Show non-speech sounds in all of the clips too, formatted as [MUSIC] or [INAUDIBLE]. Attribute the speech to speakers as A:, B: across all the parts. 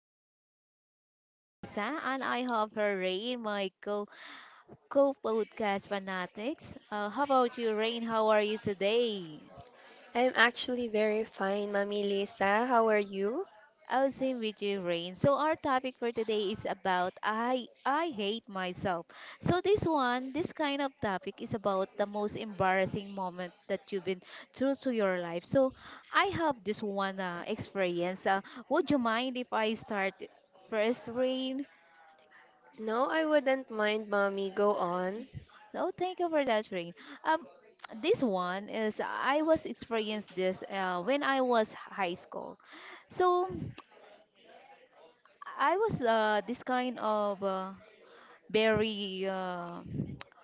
A: fanatics. This is Lisa, and I have her Rain, my co co-podcast fanatics. How about you, Rain? How are you today?
B: I'm actually very fine, Mommy Lisa. How are you?
A: I'll same with you, Rain. So our topic for today is about I hate myself. So this one, this kind of topic is about the most embarrassing moment that you've been through to your life. So I have this one experience. Would you mind if I start first, Rain?
B: No, I wouldn't mind, Mommy. Go on.
A: Oh, thank you for that, Rain. Um, this one is I was experienced this when I was high school. So I was this kind of. Very,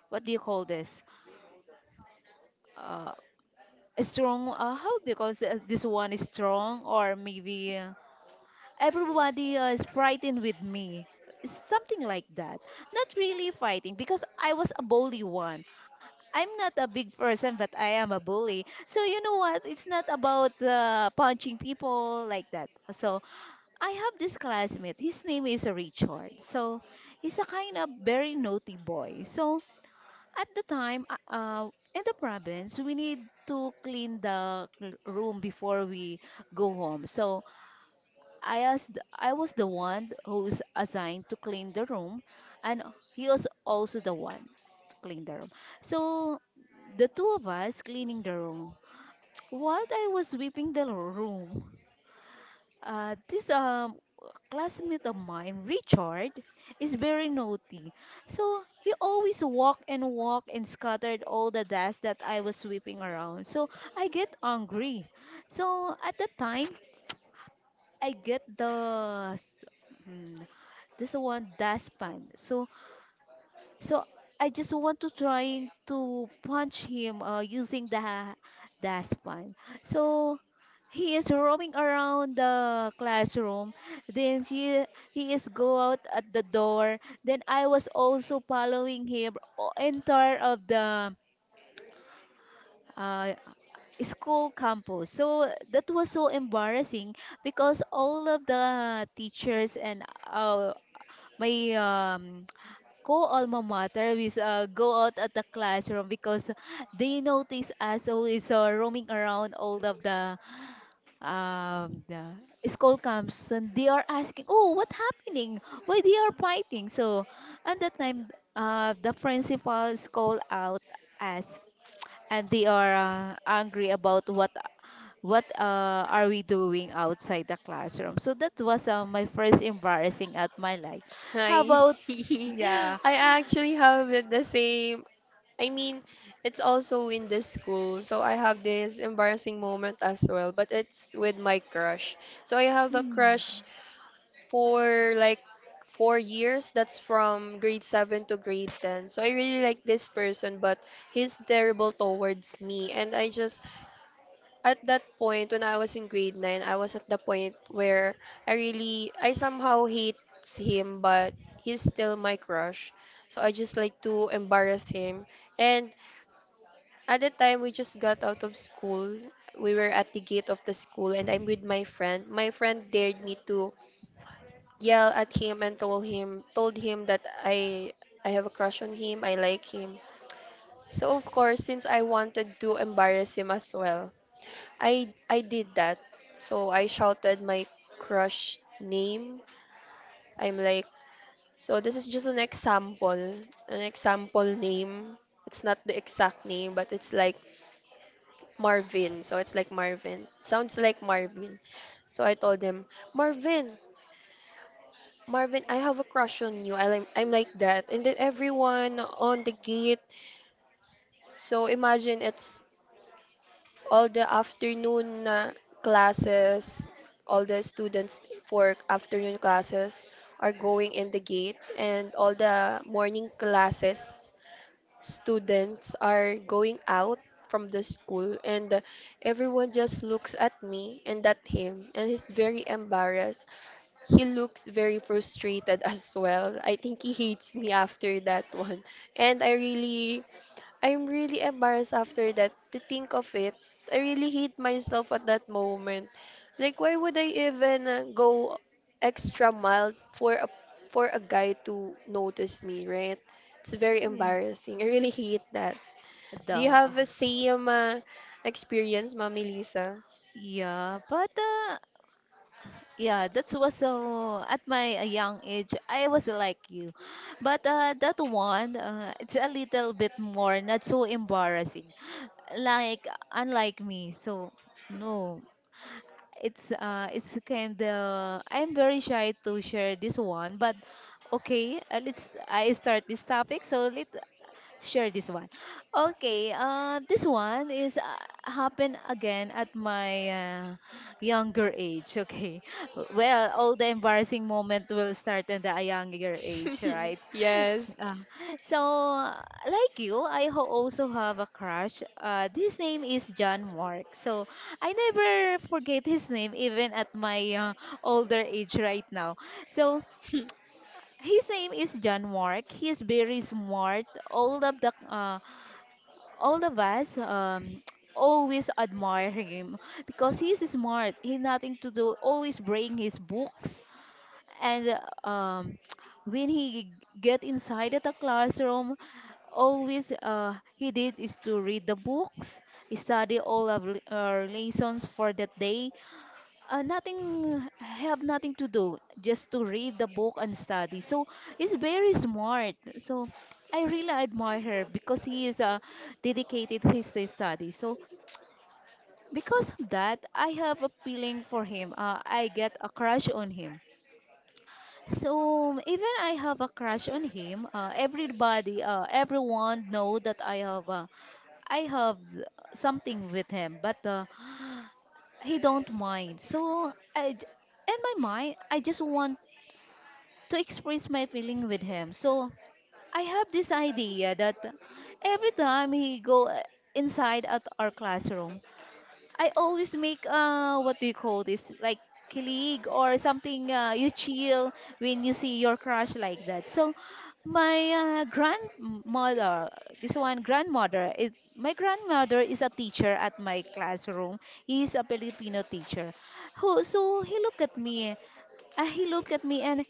A: what do you call this? Uh, a strong. How do you call this? This one is strong, or maybe everybody is fighting with me. Something like that. Not really fighting because I was a bully one. I'm not a big person, but I am a bully. So you know what? It's not about punching people like that. So I have this classmate. His name is Richard. So he's a kind of very naughty boy. So at the time, in the province, we need to clean the room before we go home. So I was the one who's assigned to clean the room, and he was also the one to clean the room. So the two of us cleaning the room. What I was sweeping the room, this classmate of mine, Richard, is very naughty. So he always walk and walk and scattered all the dust that I was sweeping around. So I get angry. So at the time, I get the mm, this one dustpan. So I just want to try to punch him using the dustpan. So he is roaming around the classroom. Then she, he is go out at the door. Then I was also following him entire of the uh, school campus. So that was so embarrassing because all of the teachers and my co-alma mater we go out at the classroom because they notice us always roaming around all of the the school camps, and they are asking, oh, what happening, why they are fighting? So at that time, the principals call out us, and they are angry about what are we doing outside the classroom. So that was my first embarrassing at my life.
B: [LAUGHS]
A: How
B: I
A: about,
B: see.
A: yeah.
B: I actually have it the same. I mean, it's also in the school, so I have this embarrassing moment as well, but it's with my crush. So I have a crush
A: Mm.
B: for like 4 years. That's from grade 7 to grade 10. So I really like this person, but he's terrible towards me, and I just at that point when I was in grade 9, I was at the point where I really I somehow hates him but he's still my crush. So I just like to embarrass him. And at the time we just got out of school. We were at the gate of the school and I'm with my friend. My friend dared me to yell at him and told him that I have a crush on him, I like him. So of course since I wanted to embarrass him as well, I did that. So I shouted my crush name. I'm like, so this is just an example name. It's not the exact name, but it's like Marvin. So it's like Marvin, sounds like Marvin. So I told him, Marvin, Marvin, I have a crush on you. I like, I'm like that. And then everyone on the gate. So imagine it's all the afternoon classes, all the students for afternoon classes are going in the gate, and all the morning classes students are going out from the school and everyone just looks at me and at him and he's very embarrassed, he looks very frustrated [LAUGHS] as well. I think he hates me after that one. And I'm really embarrassed after that to think of it. I really hate myself at that moment. Like, why would I even go extra mile for a guy to notice me, right? It's very
A: Yeah.
B: embarrassing. I really hate that. Do you
A: The,
B: have a same experience, Mami Lisa?
A: yeah, but yeah, that was so at my young age, I was like you, but that one, it's a little bit more not so embarrassing, like unlike me. So no, it's kind of I'm very shy to share this one, but okay, let's I start this topic. So let share this one. Okay, this one is happened again at my younger age. Okay, [LAUGHS] well, all the embarrassing moment will start at a younger age,
B: [LAUGHS]
A: right? [LAUGHS] S-
B: Yes.
A: uh, so, uh, like you, I also have a crush. His name is John Mark. So, I never forget his name even at my older age right now. So,
B: [LAUGHS]
A: his name is John Mark. He's very smart. All of the all of us [TSK] always admire him because he's smart. He nothing to do. Always bring his books and uh, um, [TSK] when he get inside at the classroom, always he did is to read the books, study all of lessons for that day, nothing have nothing to do just to read the book and study. So he's very smart, so I really admire her because he is dedicated to his study. So because of that, I have a feeling for him. I get a crush on him. So even I have a crush on him, everybody, everyone know that I have i have something with him, but he don't mind. So in my mind, I just want to express my feeling with him. So I have this idea that every time he go inside at our classroom, I always make, uh, what do you call this, like kilig or something, you chill when you see your crush like that. So my grandmother, this one grandmother is my grandmother is a teacher at my classroom. He is a Filipino teacher. Who so he looked at me. He looked at me and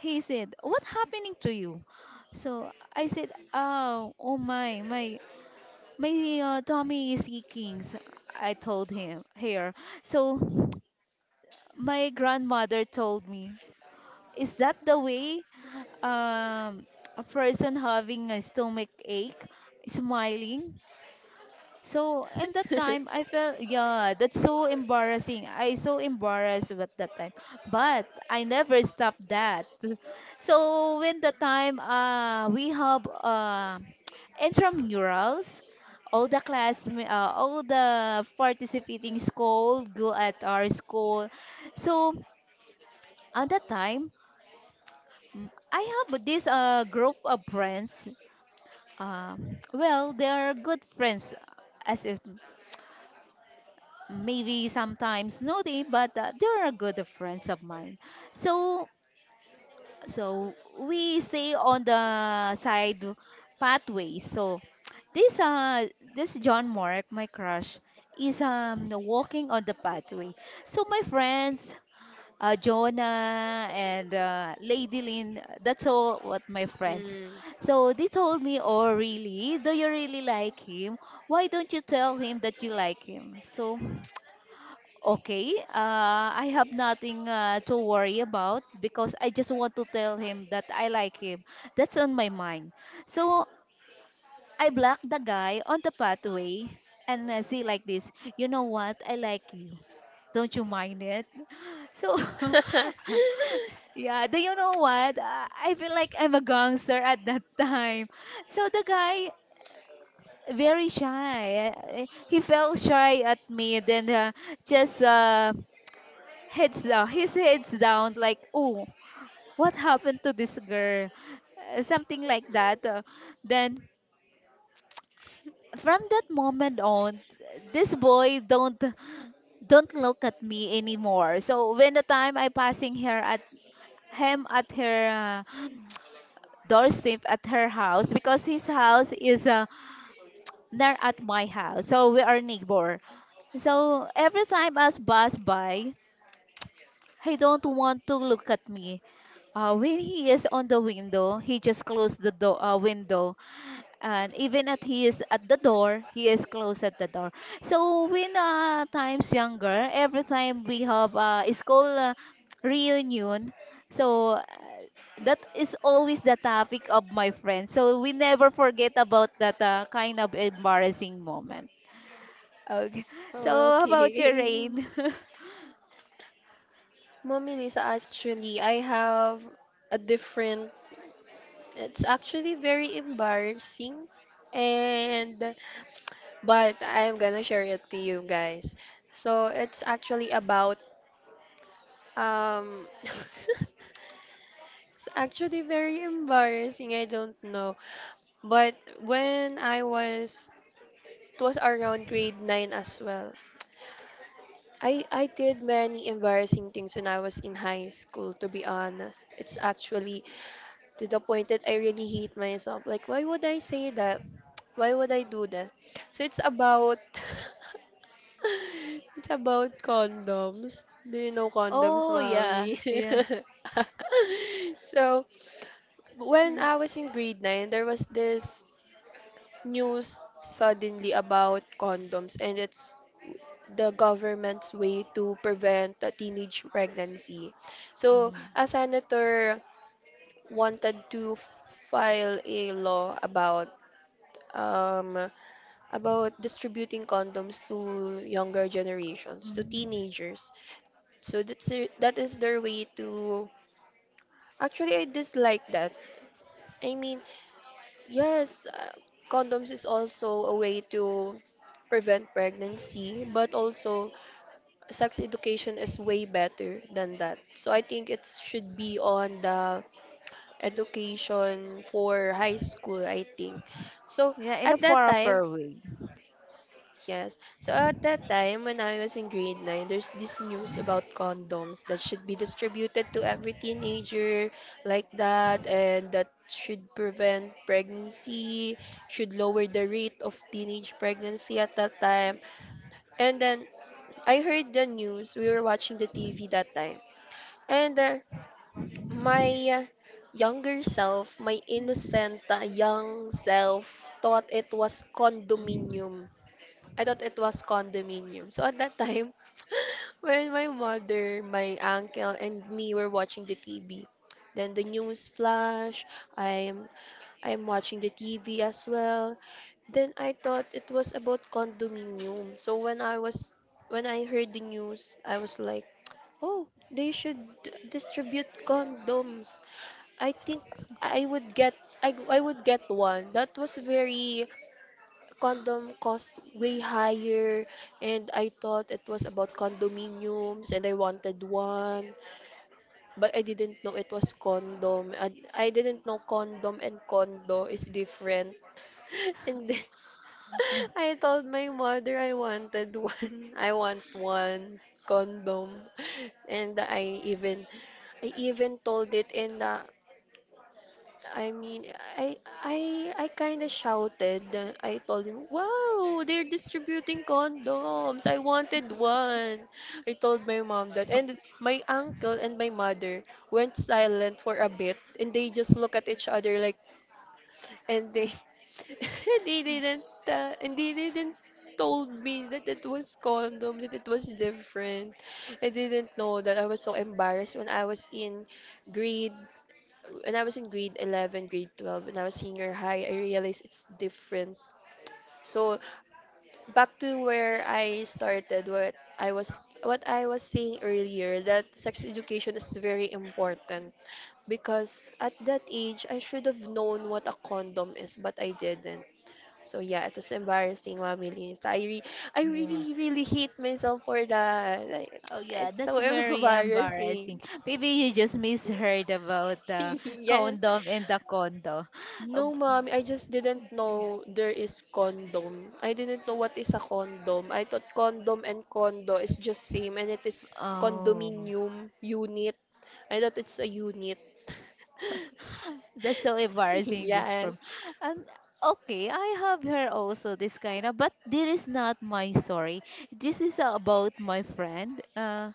A: he said, "What happening to you?" So I said, "Oh, oh my, tummy is aching." So I told him here. So my grandmother told me, "Is that the way um, a person having a stomach ache, smiling?" So in that time, I felt yeah, that's so embarrassing. I so embarrassed at that time, but I never stopped that. [LAUGHS] So when the time we have [TSK] intramurals, all the class all the participating school go at our school. So at that time, I have this group of friends. Uh, well, they are good friends as is. Maybe sometimes naughty, but they are good friends of mine. So so we stay on the side pathway. So this uh this John Mark, my crush, is walking on the pathway. So my friends, Jonah and Lady Lynn, that's all what my friends.
B: Mm.
A: So they told me, oh really? Do you really like him? Why don't you tell him that you like him? So okay, I have nothing to worry about because I just want to tell him that I like him. That's on my mind. So I blocked the guy on the pathway and say like this, you know what? I like you. Don't you mind it? [LAUGHS] So,
B: [LAUGHS]
A: [LAUGHS] yeah, do you know what? I feel like I'm a gangster at that [LAUGHS] time. So the guy, very shy. He felt shy at me. Then just, heads down, his heads down, like oh, what happened to this girl? Something like that. Then from that moment on, this boy don't look at me anymore. So when the time I passing her at him at her doorstep at her house, because his house is near at my house, so we are neighbor. So every time us pass by, he don't want to look at me. When he is on the window, he just closed the door window, and even at he is at the door, he is closed at the door. So when times younger, every time we have a school reunion, so that is always the topic of my friends. So we never forget about that kind of embarrassing moment. Okay. [LAUGHS] So how about your rain? [LAUGHS]
B: Okay. Mommy Lisa, actually, I have a different, it's actually very embarrassing. And, but I'm gonna share it to you guys. So, it's actually about Um, [LAUGHS] it's actually very embarrassing. I don't know. But when I was, it was around grade 9 as well. I did many embarrassing things when I was in high school, to be honest. It's actually to the point that I really hate myself. Like, why would I say that? Why would I do that? So it's about [LAUGHS] it's about condoms. Do you know condoms,
A: Oh yeah,
B: mommy?
A: yeah.
B: [LAUGHS] So when
A: Mm.
B: I was in grade 9, there was this news suddenly about condoms and it's the government's way to prevent a teenage pregnancy. So, a senator wanted to file a law um, about distributing condoms to younger generations, to
A: Mm.
B: teenagers. So that is their way to. Actually, I dislike that. I mean, yes, condoms is also a way to prevent pregnancy, but also sex education is way better than that. So I think it should be on the education for high school, I think. So
A: Yeah, in a
B: at that
A: far,
B: time,
A: far way.
B: yes. So at that time, when I was in grade 9, there's this news about condoms that should be distributed to every teenager like that, and that should prevent pregnancy, should lower the rate of teenage pregnancy at that time. And then I heard the news. We were watching the TV that time. And my younger self, my innocent young self, thought it was
A: Mm.
B: condominium. I thought it was condominium. So at that time, [LAUGHS] when my mother, my uncle, and me were watching the TV, then the news flash. I'm I'm watching the TV as well. Then I thought it was about condominium. So when I was when I heard the news, I was like, "Oh, they should distribute condoms." I think I would get I would get one. That was very condom cost way higher and I thought it was about condominiums and I wanted one but I didn't know it was condom I didn't know condom and condo is different. [LAUGHS] And then [LAUGHS]
A: [LAUGHS]
B: I told my mother I wanted one. [LAUGHS] I want one condom and I even told it in the I mean, I kind of shouted. I told him, "Wow, they're distributing condoms. I wanted one." I told my mom that, and my uncle and my mother went silent for a bit, and they just look at each other like, and they [LAUGHS] they didn't and they didn't told me that it was condom, that it was different. I didn't know that I was so embarrassed when I was in grade when I was in grade 11, grade 12, when I was senior high, I realized it's different. So back to where I started, what I was saying earlier, that sex education is very important because at that age I should have known what a condom is, but I didn't. So yeah, it was embarrassing, Mami Liz. I
A: Yeah.
B: really, really hate myself for that. Like,
A: Oh yeah,
B: it's so
A: that's
B: [LAUGHS]
A: very
B: embarrassing.
A: embarrassing. Maybe you just misheard about
B: [LAUGHS]
A: the
B: Yes.
A: condom and the condo. Uh, b-
B: No, ma'am, I just didn't know there is condom. I didn't know what is a condom. I thought condom and condo is just same and it is
A: Oh,
B: condominium unit. I thought it's a unit. [LAUGHS]
A: that's so embarrassing just
B: Yes.
A: from. Um, okay, I have heard also this kind of, but this is not my story. This is about my friend. Uh,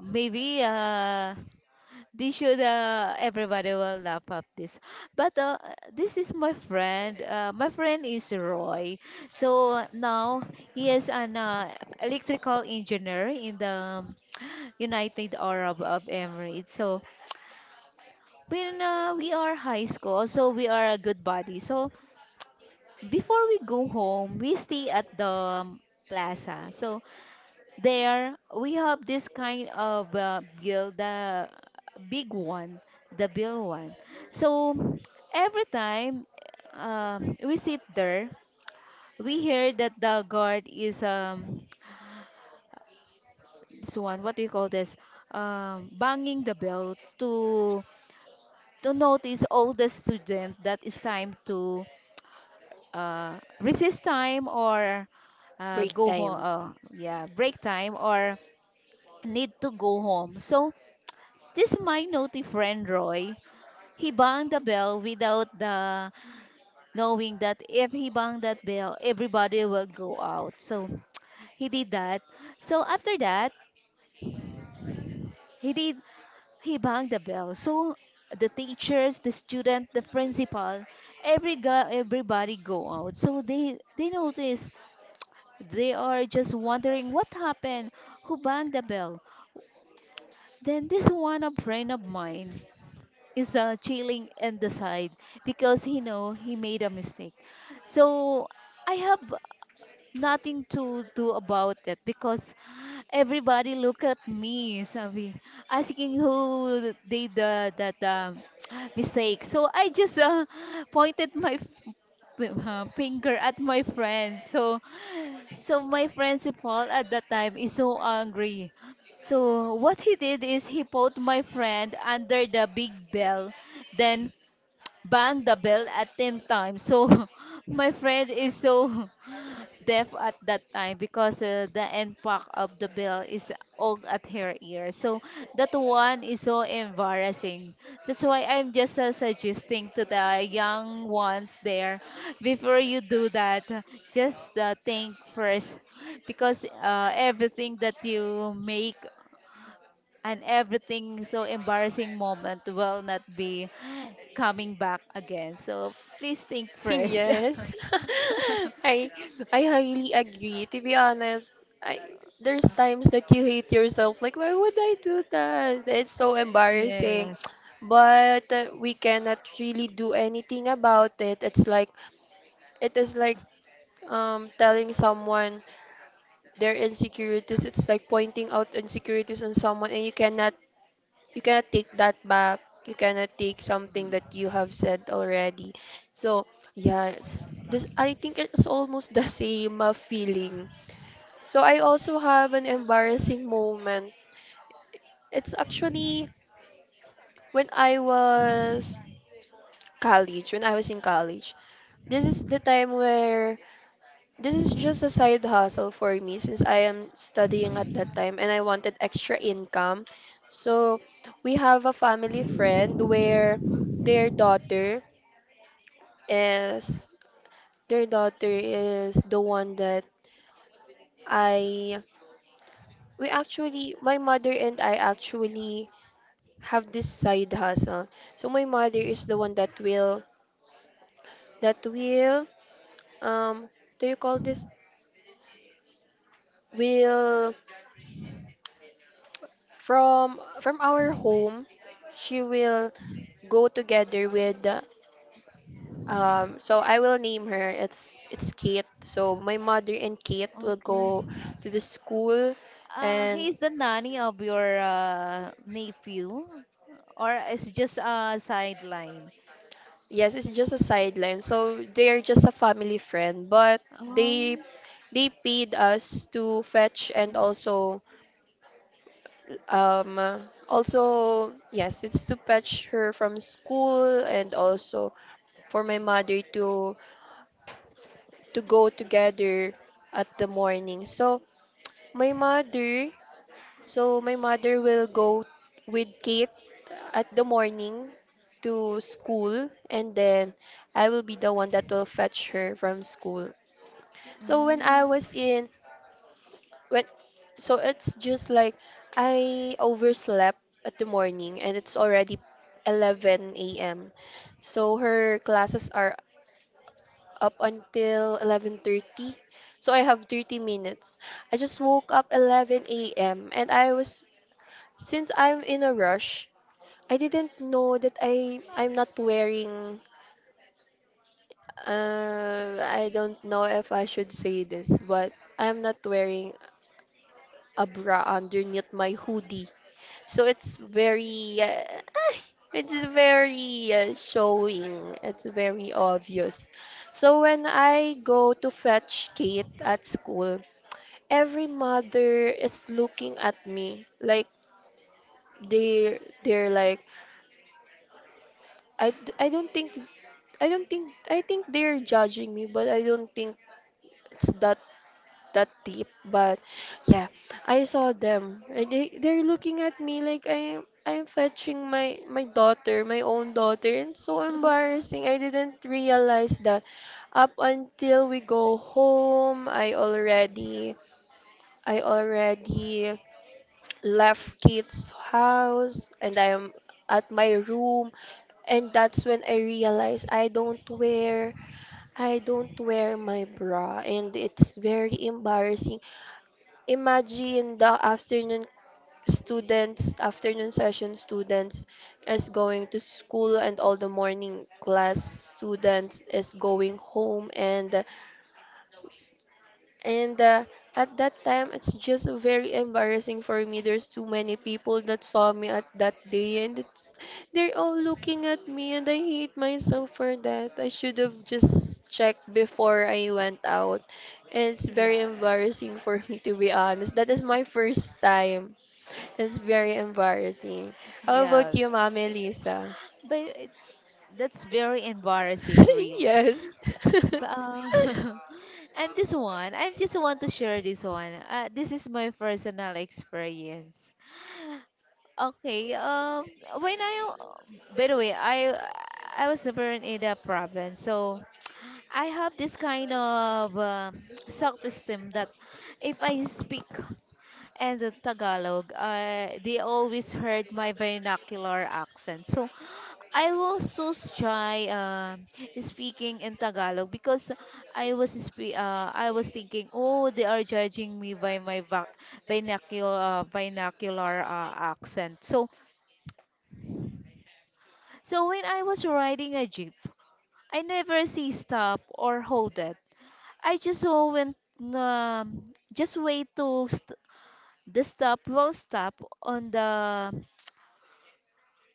A: maybe uh this should, everybody will laugh at this. But this is my friend. My friend is Roy. So now he is an electrical engineer in the [TSK] United Arab of Emirates. So when we are high school, so we are a good buddy. So before we go home, we stay at the plaza. So there, we have this kind of bill, the big one, the bill one. So every time we sit there, we hear that the guard is this one. What do you call this? Banging the bell to notice all the student that it's time to, recess time or,
B: Break
A: go home.
B: time.
A: Yeah, break time or need to go home. So this my naughty friend Roy, he banged the bell without the knowing that if he banged that bell, everybody will go out. So he did that. So after that, he did he banged the bell. So the teachers, the student, the principal, every guy, everybody go out. So they notice they are just wondering what happened, who banged the bell. Then this one a friend of mine is chilling in the side because he know he made a mistake. So I have nothing to do about it because everybody look at me, sabi, asking who did the that [TSK] mistake. So I just [LAUGHS] pointed my finger at my friend. So so my friend si Paul at that time is so angry. So what he did is he put my friend under the big bell. Then bang the bell at 10 times. So [LAUGHS] my friend is so [LAUGHS] deaf at that time because the end part of the bell is old at her ear. So that one is so embarrassing. That's why I'm just suggesting to the young ones there, before you do that, just think first because everything that you make and everything so embarrassing moment will not be coming back again. So please think first. [LAUGHS]
B: Yes. [LAUGHS] I I highly agree. To be honest, I there's times that you hate yourself. Like, why would I do that? It's so embarrassing.
A: Yes.
B: But we cannot really do anything about it. It's like it is like telling someone their insecurities. It's like pointing out insecurities on someone, and you cannot take that back. You cannot take something
A: Mm.
B: that you have said already. So yeah, it's this. I think it's almost the same feeling. So I also have an embarrassing moment. It's actually when I was college. When I was in college, this is the time where this is just a side hustle for me since I am studying at that time and I wanted extra income. So we have a family friend where their daughter is their daughter is the one that I we actually my mother and I actually have this side hustle. So my mother is the one that will um do you call this will from our home she will go together with so I will name her, it's Kate. So my mother and Kate will
A: Okay.
B: go to the school and
A: He is the nanny of your nephew, or it's just a sideline?
B: yes, it's just a sideline. So they're just a family friend, but they
A: Um.
B: they paid us to fetch and also um uh, also yes, it's to fetch her from school and also for my mother to go together at the morning. So my mother, so my mother will go with Kate at the morning to school and then I will be the one that will fetch her from school. So when
A: Mm.
B: I was in when so it's just like I overslept at the morning and it's already 11 a.m. So her classes are up until 11:30. So I have 30 minutes. I just woke up 11 a.m. and I was since I'm in a rush, I didn't know that I'm not wearing I don't know if I should say this, but I'm not wearing a bra underneath my hoodie. So it's very [LAUGHS] it's very showing. It's very obvious. So when I go to fetch Kate at school, every mother is looking at me like they they're they're like I don't think I don't think I think they're judging me, but I don't think it's that that deep. But yeah, I saw them. And they they're looking at me like I am I'm fetching my my daughter, my own daughter, and so
A: [LAUGHS]
B: embarrassing. I didn't realize that up until we go home, I already left Kate's house and I am at my room and that's when I realized I don't wear my bra and it's very embarrassing. Imagine the afternoon students, afternoon session students is going to school and all the morning class students is going home and and uh, at that time, it's just very embarrassing for me. There's too many people that saw me at that day, and it's they're all looking at me, and I hate myself for that. I should have just checked before I went out. And it's very
A: Yeah.
B: embarrassing for me, to be honest. That is my first time. It's very embarrassing. How about
A: Yeah.
B: you, Ma'am Elisa?
A: But that's very embarrassing,
B: [LAUGHS]
A: really.
B: Yes. [LAUGHS]
A: But, [LAUGHS] and this one, I just want to share this one. This is my personal experience. Okay. When I, by the way, I was born in the province, so I have this kind of self-esteem that if I speak and the Tagalog, they always heard my vernacular accent. So I was so shy speaking in Tagalog because I was thinking, oh, they are judging me by my vernacular accent. So when I was riding a jeep, I never see stop or hold it. I just went um, just wait to the stop will stop on the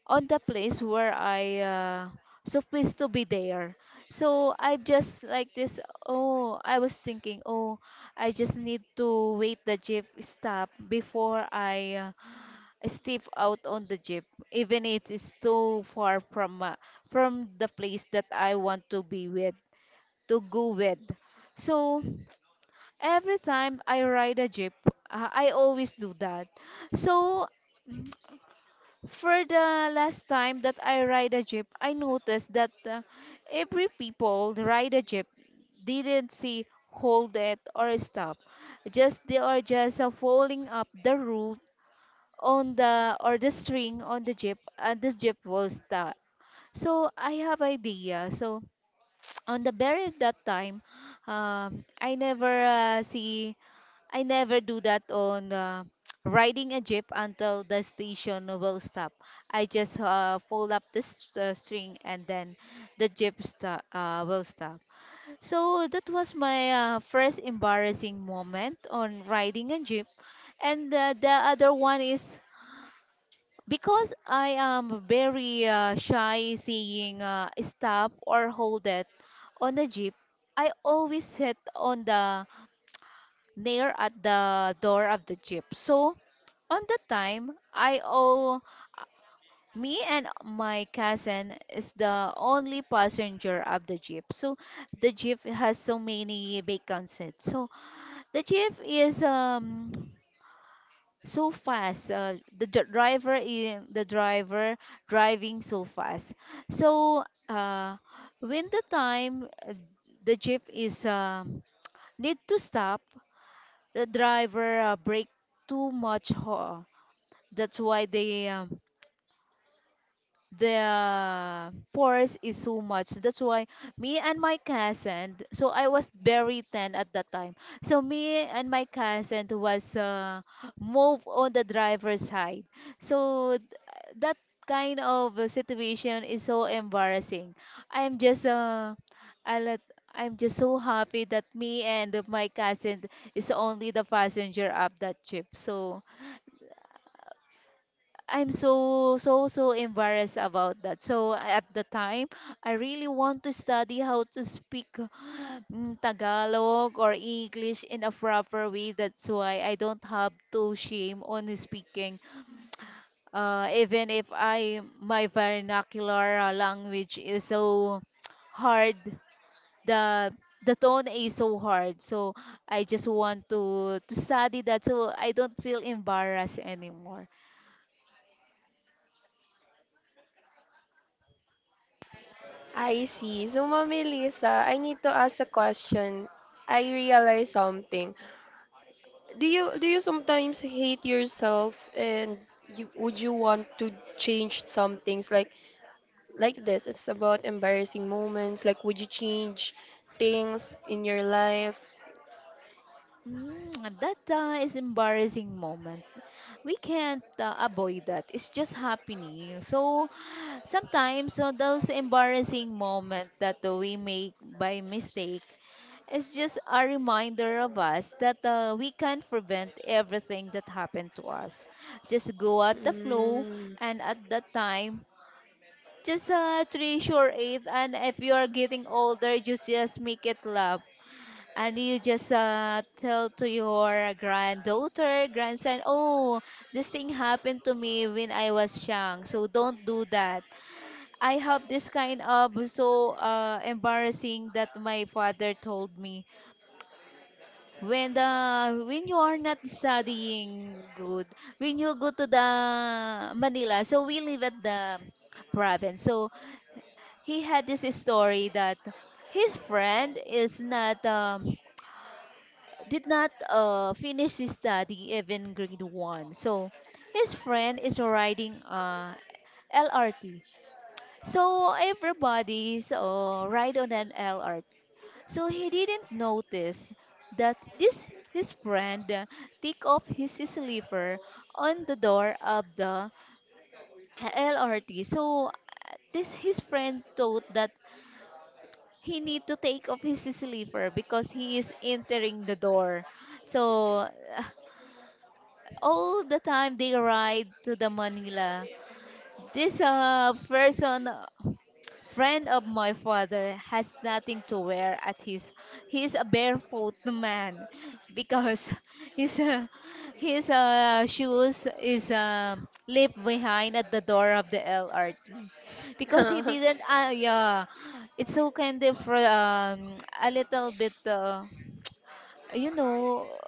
A: place where I supposed to be there. So I just like this. Oh, I was thinking. Oh, I just need to wait the jeep stop before I step out on the jeep, even it is too far from the place that I want to be with, to go with. So every time I ride a jeep, I always do that. So for the last time that I ride a jeep, I noticed that every people ride a jeep didn't see hold it or stop just they are just following up the route on the or the string on the jeep and this jeep will stop. So I have idea. So [TSK] on the very that time, I never see I never do that on [TSK] riding a jeep until the station will stop. I just fold up this string and then the jeep will stop. So that was my first embarrassing moment on riding a jeep. And the other one is because I am very shy seeing stop or hold it on the jeep. I always sit on the near at the door of the jeep. So on the time, I all uh, me and my cousin is the only passenger of the jeep. So the jeep has so many vacant seats. So the jeep is so fast, the driver in the driver driving so fast. So uh, when the time the jeep is need to stop, the driver brake too much that's why they, the pores is so much. That's why me and my cousin, so I was very 10 at that time. So me and my cousin was move on the driver's side. So that kind of a situation is so embarrassing. I'm just uh, I let, I'm just so happy that me and my cousin is only the passenger of that trip. So I'm so so so embarrassed about that. So at the time, I really want to study how to speak Tagalog or English in a proper way. That's why I don't have to shame on speaking. Even if I my vernacular language is so [TSK] hard, the the tone is so hard. So I just want to study that so I don't feel embarrassed anymore.
B: I see. So, Mommy Lisa, I need to ask a question. I realize something. Do you sometimes hate yourself and you would you want to change some things like this? It's about embarrassing moments. Like, would you change things in your life?
A: Mm, that is embarrassing moment. We can't avoid that. It's just happening. So sometimes those embarrassing moment that we make by mistake is just a reminder of us that we can't prevent everything that happened to us. Just go at the flow
B: Mm.
A: and at that time, just treasure it, and if you are getting older, you just make it love and you just tell to your granddaughter, grandson, oh, this thing happened to me when I was young, so don't do that. I have this kind of so embarrassing that my father told me. When the when you are not studying good, when you go to the Manila, so we live at the province. So he had this story that his friend is not, did not finish his study even grade one. So his friend is riding LRT. So everybody's ride on an LRT. So he didn't notice that this his friend take off his slipper on the door of the LRT. So this his friend thought that he need to take off his slipper because he is entering the door. So [LAUGHS] all the time they ride to the Manila. This person, friend of my father, has nothing to wear at his. He's a barefoot man because [LAUGHS] his uh, his shoes is left behind at the door of the LRT because he
B: [LAUGHS]
A: didn't. Yeah, it's so kind of a little bit. You know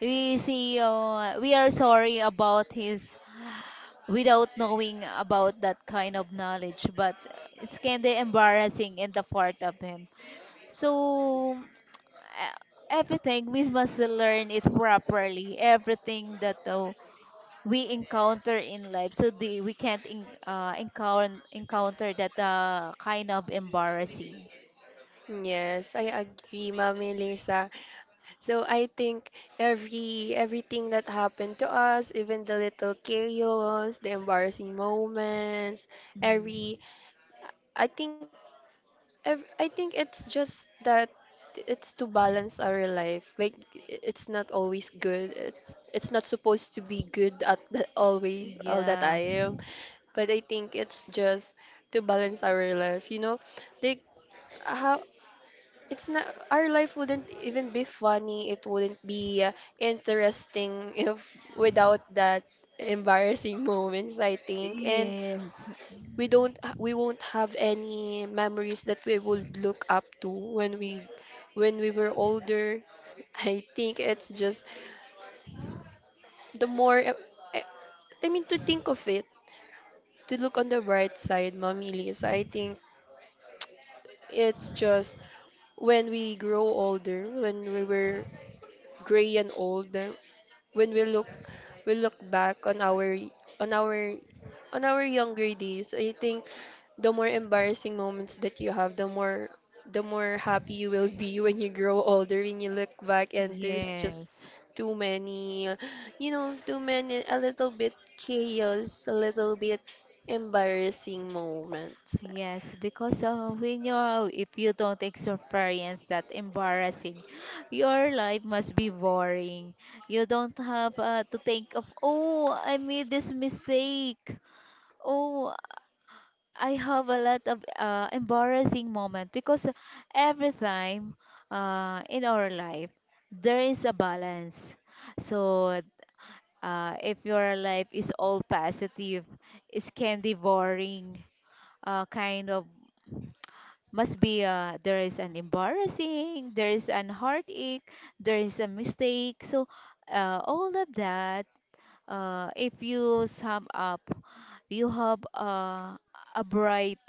A: we see we are sorry about his without knowing about that kind of knowledge, but it's kind of embarrassing in the part of him. So uh, everything we must learn it properly, everything that we encounter in life. So we can't encounter that kind of embarrassing.
B: Yes, I agree, Mommy Lisa. So I think everything that happened to us, even the little chaos, the embarrassing moments,
A: Mm.
B: every I think ev- I think it's just that it's to balance our life. Like it's not always good. It's not supposed to be good at the, always all the
A: Yeah.
B: time. But I think it's just to balance our life. You know, like how it's not our life wouldn't even be funny, it wouldn't be interesting [LAUGHS] if without that embarrassing moments, I think. And
A: Yes.
B: we won't have any memories that we would look up to when we were older. [LAUGHS] I think it's just the more i I mean to think of it, to look on the bright side, Mommy Liz. I think it's just when we grow older, when we were gray and old, when we look back on our on our on our younger days, I think the more embarrassing moments that you have, the more happy you will be when you grow older, when you look back, and there's just
A: Yes.
B: too many, you know, too many, a little bit chaos, a little bit embarrassing moments.
A: Yes, because when you're if you don't experience that embarrassing, your life must be boring. You don't have to think of, oh, I made this mistake. Oh, I have a lot of embarrassing moment because every time, in our life there is a balance. So if your life is all positive, it can be boring, kind of must be there is an embarrassing, there is an heartache, there is a mistake. So all of that, if you sum up, you have a bright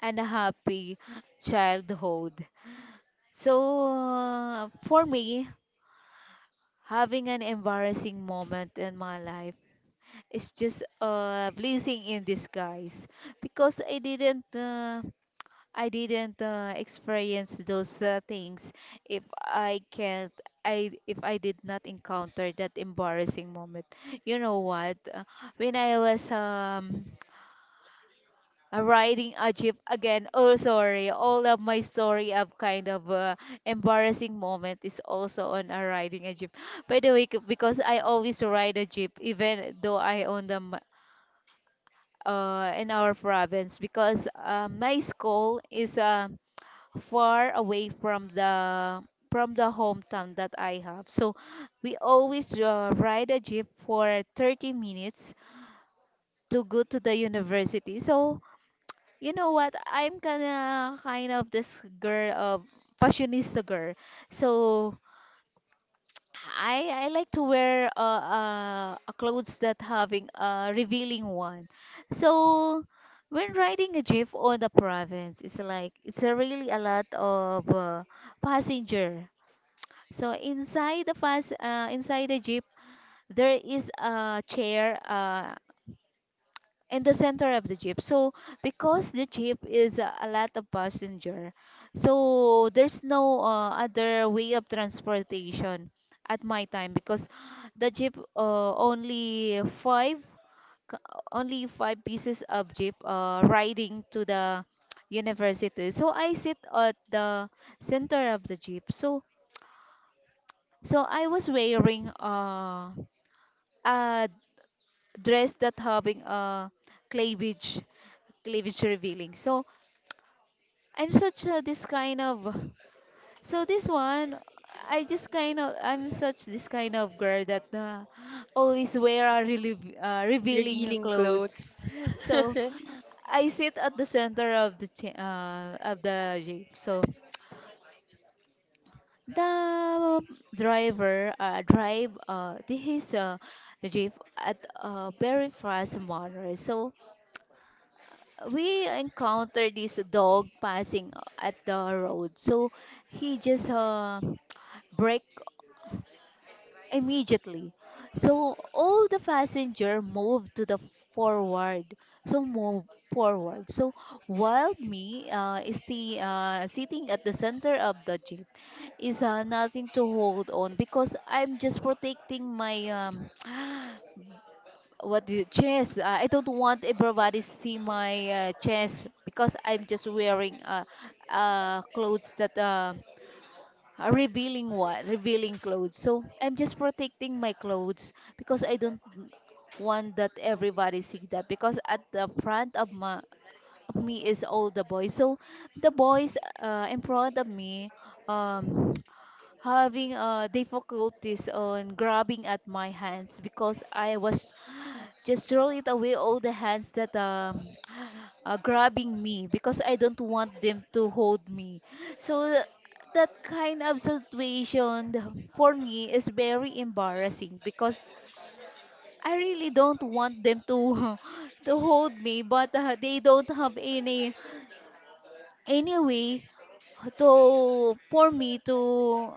A: and a happy childhood. So for me, having an embarrassing moment in my life is just a blessing in disguise because I didn't experience those things if I can't I if I did not encounter that embarrassing moment. You know what? When I was riding a jeep again, oh sorry, all of my story of kind of embarrassing moment is also on a riding a jeep. By the way, because I always ride a jeep even though I own them in our province because my school is far away from the hometown that I have. So we always ride a jeep for 30 minutes to go to the university. So you know what? I'm kind of this girl of fashionista girl. So I like to wear a clothes that having a revealing one. So when riding a jeep on the province, it's like it's a really a lot of passenger. So inside the jeep, there is a chair in the center of the jeep. So because the jeep is a lot of passenger, so there's no other way of transportation at my time because the jeep only c- only five pieces of jeep riding to the university. So I sit at the center of the jeep. So I was wearing a dress that having a cleavage, cleavage revealing. So I'm such a, this kind of. So this one, I'm such this kind of girl that always wear a really revealing
B: Revealing
A: clothes.
B: clothes.
A: So
B: [LAUGHS]
A: I sit at the center of the of the shape. So the driver drive his jeep at a very fast manner. So we encountered this dog passing at the road. So he just brake immediately. So all the passenger moved to the forward. So move forward. So while me is the sitting at the center of the jeep is nothing to hold on because I'm just protecting my [GASPS] what do you, chest. I don't want everybody see my chest because I'm just wearing clothes that revealing what? Revealing clothes. So I'm just protecting my clothes because I don't want that everybody see that because at the front of my of me is all the boys. So the boys in front of me um [TSK] having difficulties on grabbing at my hands because I was just throwing it away all the hands that grabbing me because I don't want them to hold me. So th- that kind of situation for me is very embarrassing because I really don't want them to [LAUGHS] to hold me, but they don't have any way to for me to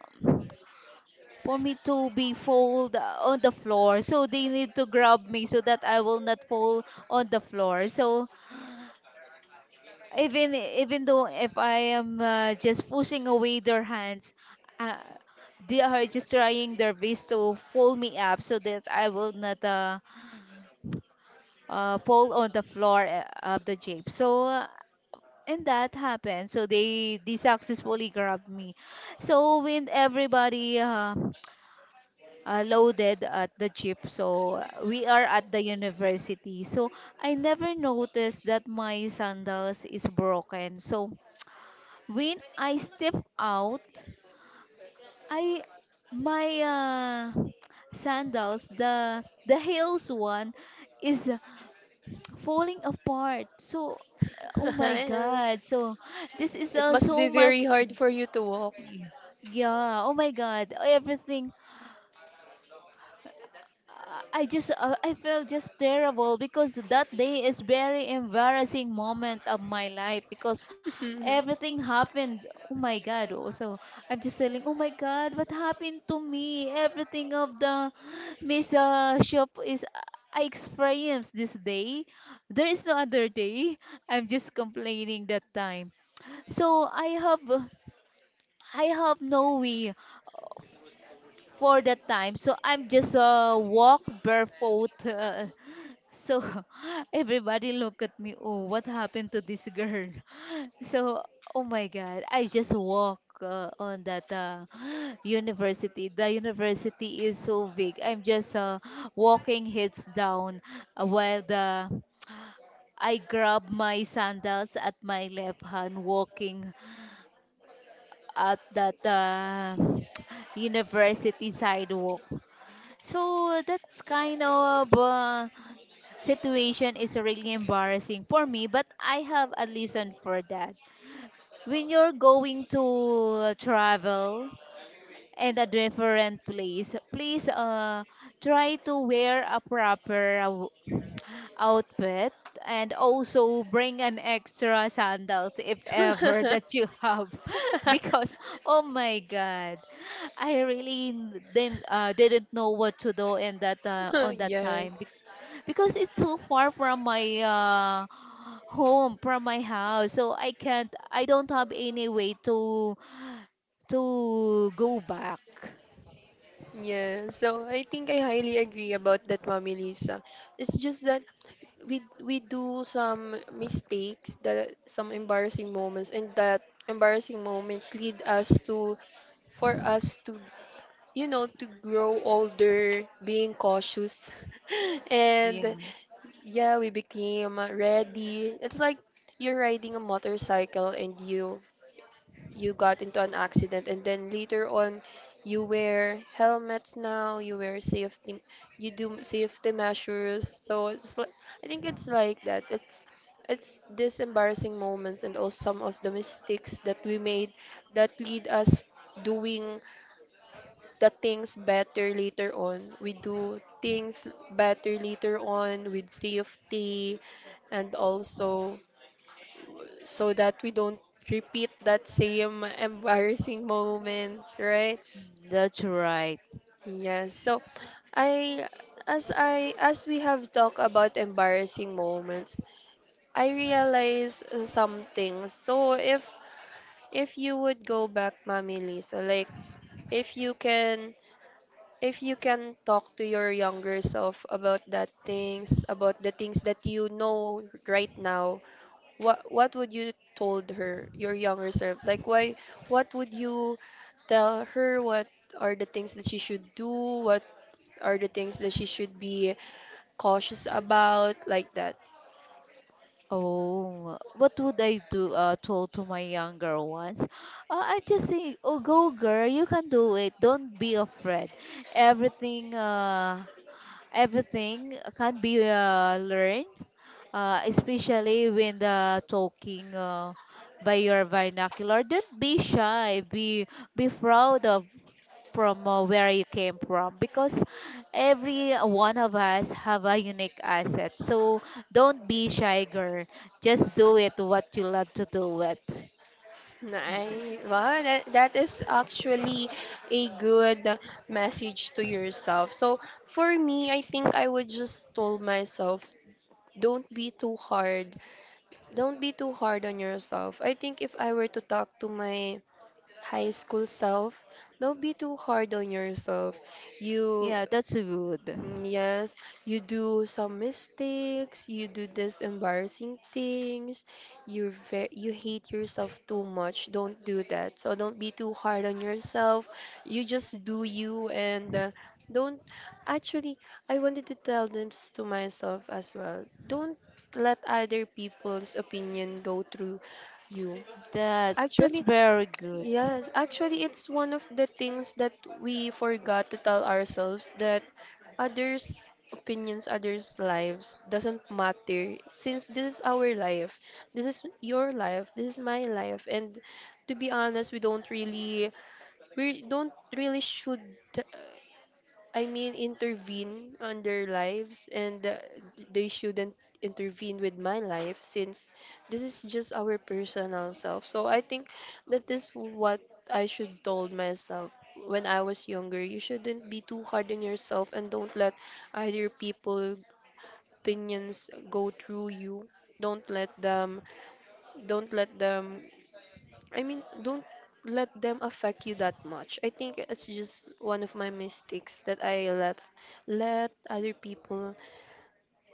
A: for me to be fold on the floor, so they need to grab me so that I will not fall on the floor. So even though if I am just pushing away their hands, uh, they are just trying their best to fold me up so that I will not fall on the floor of the jeep. So and that happened. So they successfully grabbed me. So when everybody loaded at the jeep, so we are at the university. So I never noticed that my sandals is broken. So when I step out, I my sandals, the heels one, is falling apart. So, oh
B: [LAUGHS]
A: my God! So this is
B: It must
A: so
B: be
A: much.
B: very hard for you to walk.
A: y- Yeah. Oh my God! Everything. I just I felt just terrible because that day is very embarrassing moment of my life because
B: [LAUGHS]
A: everything happened. Oh my God! Oh, so I'm just telling. Oh my God! What happened to me? Everything of the Miss Shop is I experienced this day. There is no other day. I'm just complaining that time. So I have no way for that time. So I'm just walk barefoot. [LAUGHS] So [LAUGHS] everybody look at me. Oh, what happened to this girl? [LAUGHS] So oh my God, I just walk on that [GASPS] university. The university is so big. I'm just [GASPS] walking heads down while the I grab my sandals at my left hand, walking at that [SIGHS] [TSK] university sidewalk. So that's kind of situation is really embarrassing for me, but I have a lesson for that. When you're going to travel and a different place, please, try to wear a proper outfit and also bring an extra sandals if ever [LAUGHS] that you
B: [LAUGHS]
A: have. [LAUGHS] Because oh my God, I really didn't know what to do in that on that
B: Yeah,
A: time because it's so far from my home, from my house. So I don't have any way to go back.
B: yeah. So I think I highly agree about that, Mommy Lisa. It's just that we do some mistakes, that some embarrassing moments, and that embarrassing moments lead us to for us to, you know, to grow older, being cautious. [LAUGHS]
A: Yeah.
B: And yeah, we became ready. It's like you're riding a motorcycle and you got into an accident, and then later on you wear helmets now, you wear safety, you do safety measures. So it's like I think it's like that. It's these embarrassing moments and also some of the mistakes that we made that lead us doing the things better later on. We do things better later on with safety, and also so that we don't repeat that same embarrassing moments, right?
A: Mm, that's right.
B: Yes. So I I as we have talked about embarrassing moments, I realize some things. So if you would go back, Mami Lisa, like if you can if you can talk to your younger self about that things, about the things that you know right now, what would you told her, your younger self? Like why what would you tell her, what are the things that she should do? What are the things that she should be cautious about, like that?
A: Oh, what would I do? Told to my younger ones. I just say, "Oh, go, girl. You can do it. Don't be afraid. Everything. Everything can be learned, especially when the talking by your vernacular. Don't be shy. Be proud of from where you came from, because every one of us have a unique asset. So don't be shy, girl. Just do it what you love to do it.
B: Nice. Wow, that, that is actually a good message to yourself. So for me, I think I would just told myself don't be too hard. Don't be too hard on yourself. I think if I were to talk to my high school self, don't be too hard on yourself. You.
A: Yeah, that's good.
B: Mm. Yes, you do some mistakes, you do this embarrassing things, you hate yourself too much. Don't do that. So don't be too hard on yourself. You just do you, and don't, actually, I wanted to tell this to myself as well. Don't let other people's opinion go through you.
A: That that's
B: Actually,
A: very good.
B: yes, actually, it's one of the things that we forgot to tell ourselves, that others' opinions, others' lives doesn't matter since this is our life. This is your life. This is my life. And to be honest, we don't really should. I mean, intervene on their lives, and they shouldn't intervene with my life since this is just our personal self. So I think that is what I should told myself when I was younger. You shouldn't be too hard on yourself, and don't let either people opinions go through you. Don't let them. Don't let them don't let them affect you that much. I think it's just one of my mistakes, that I let other people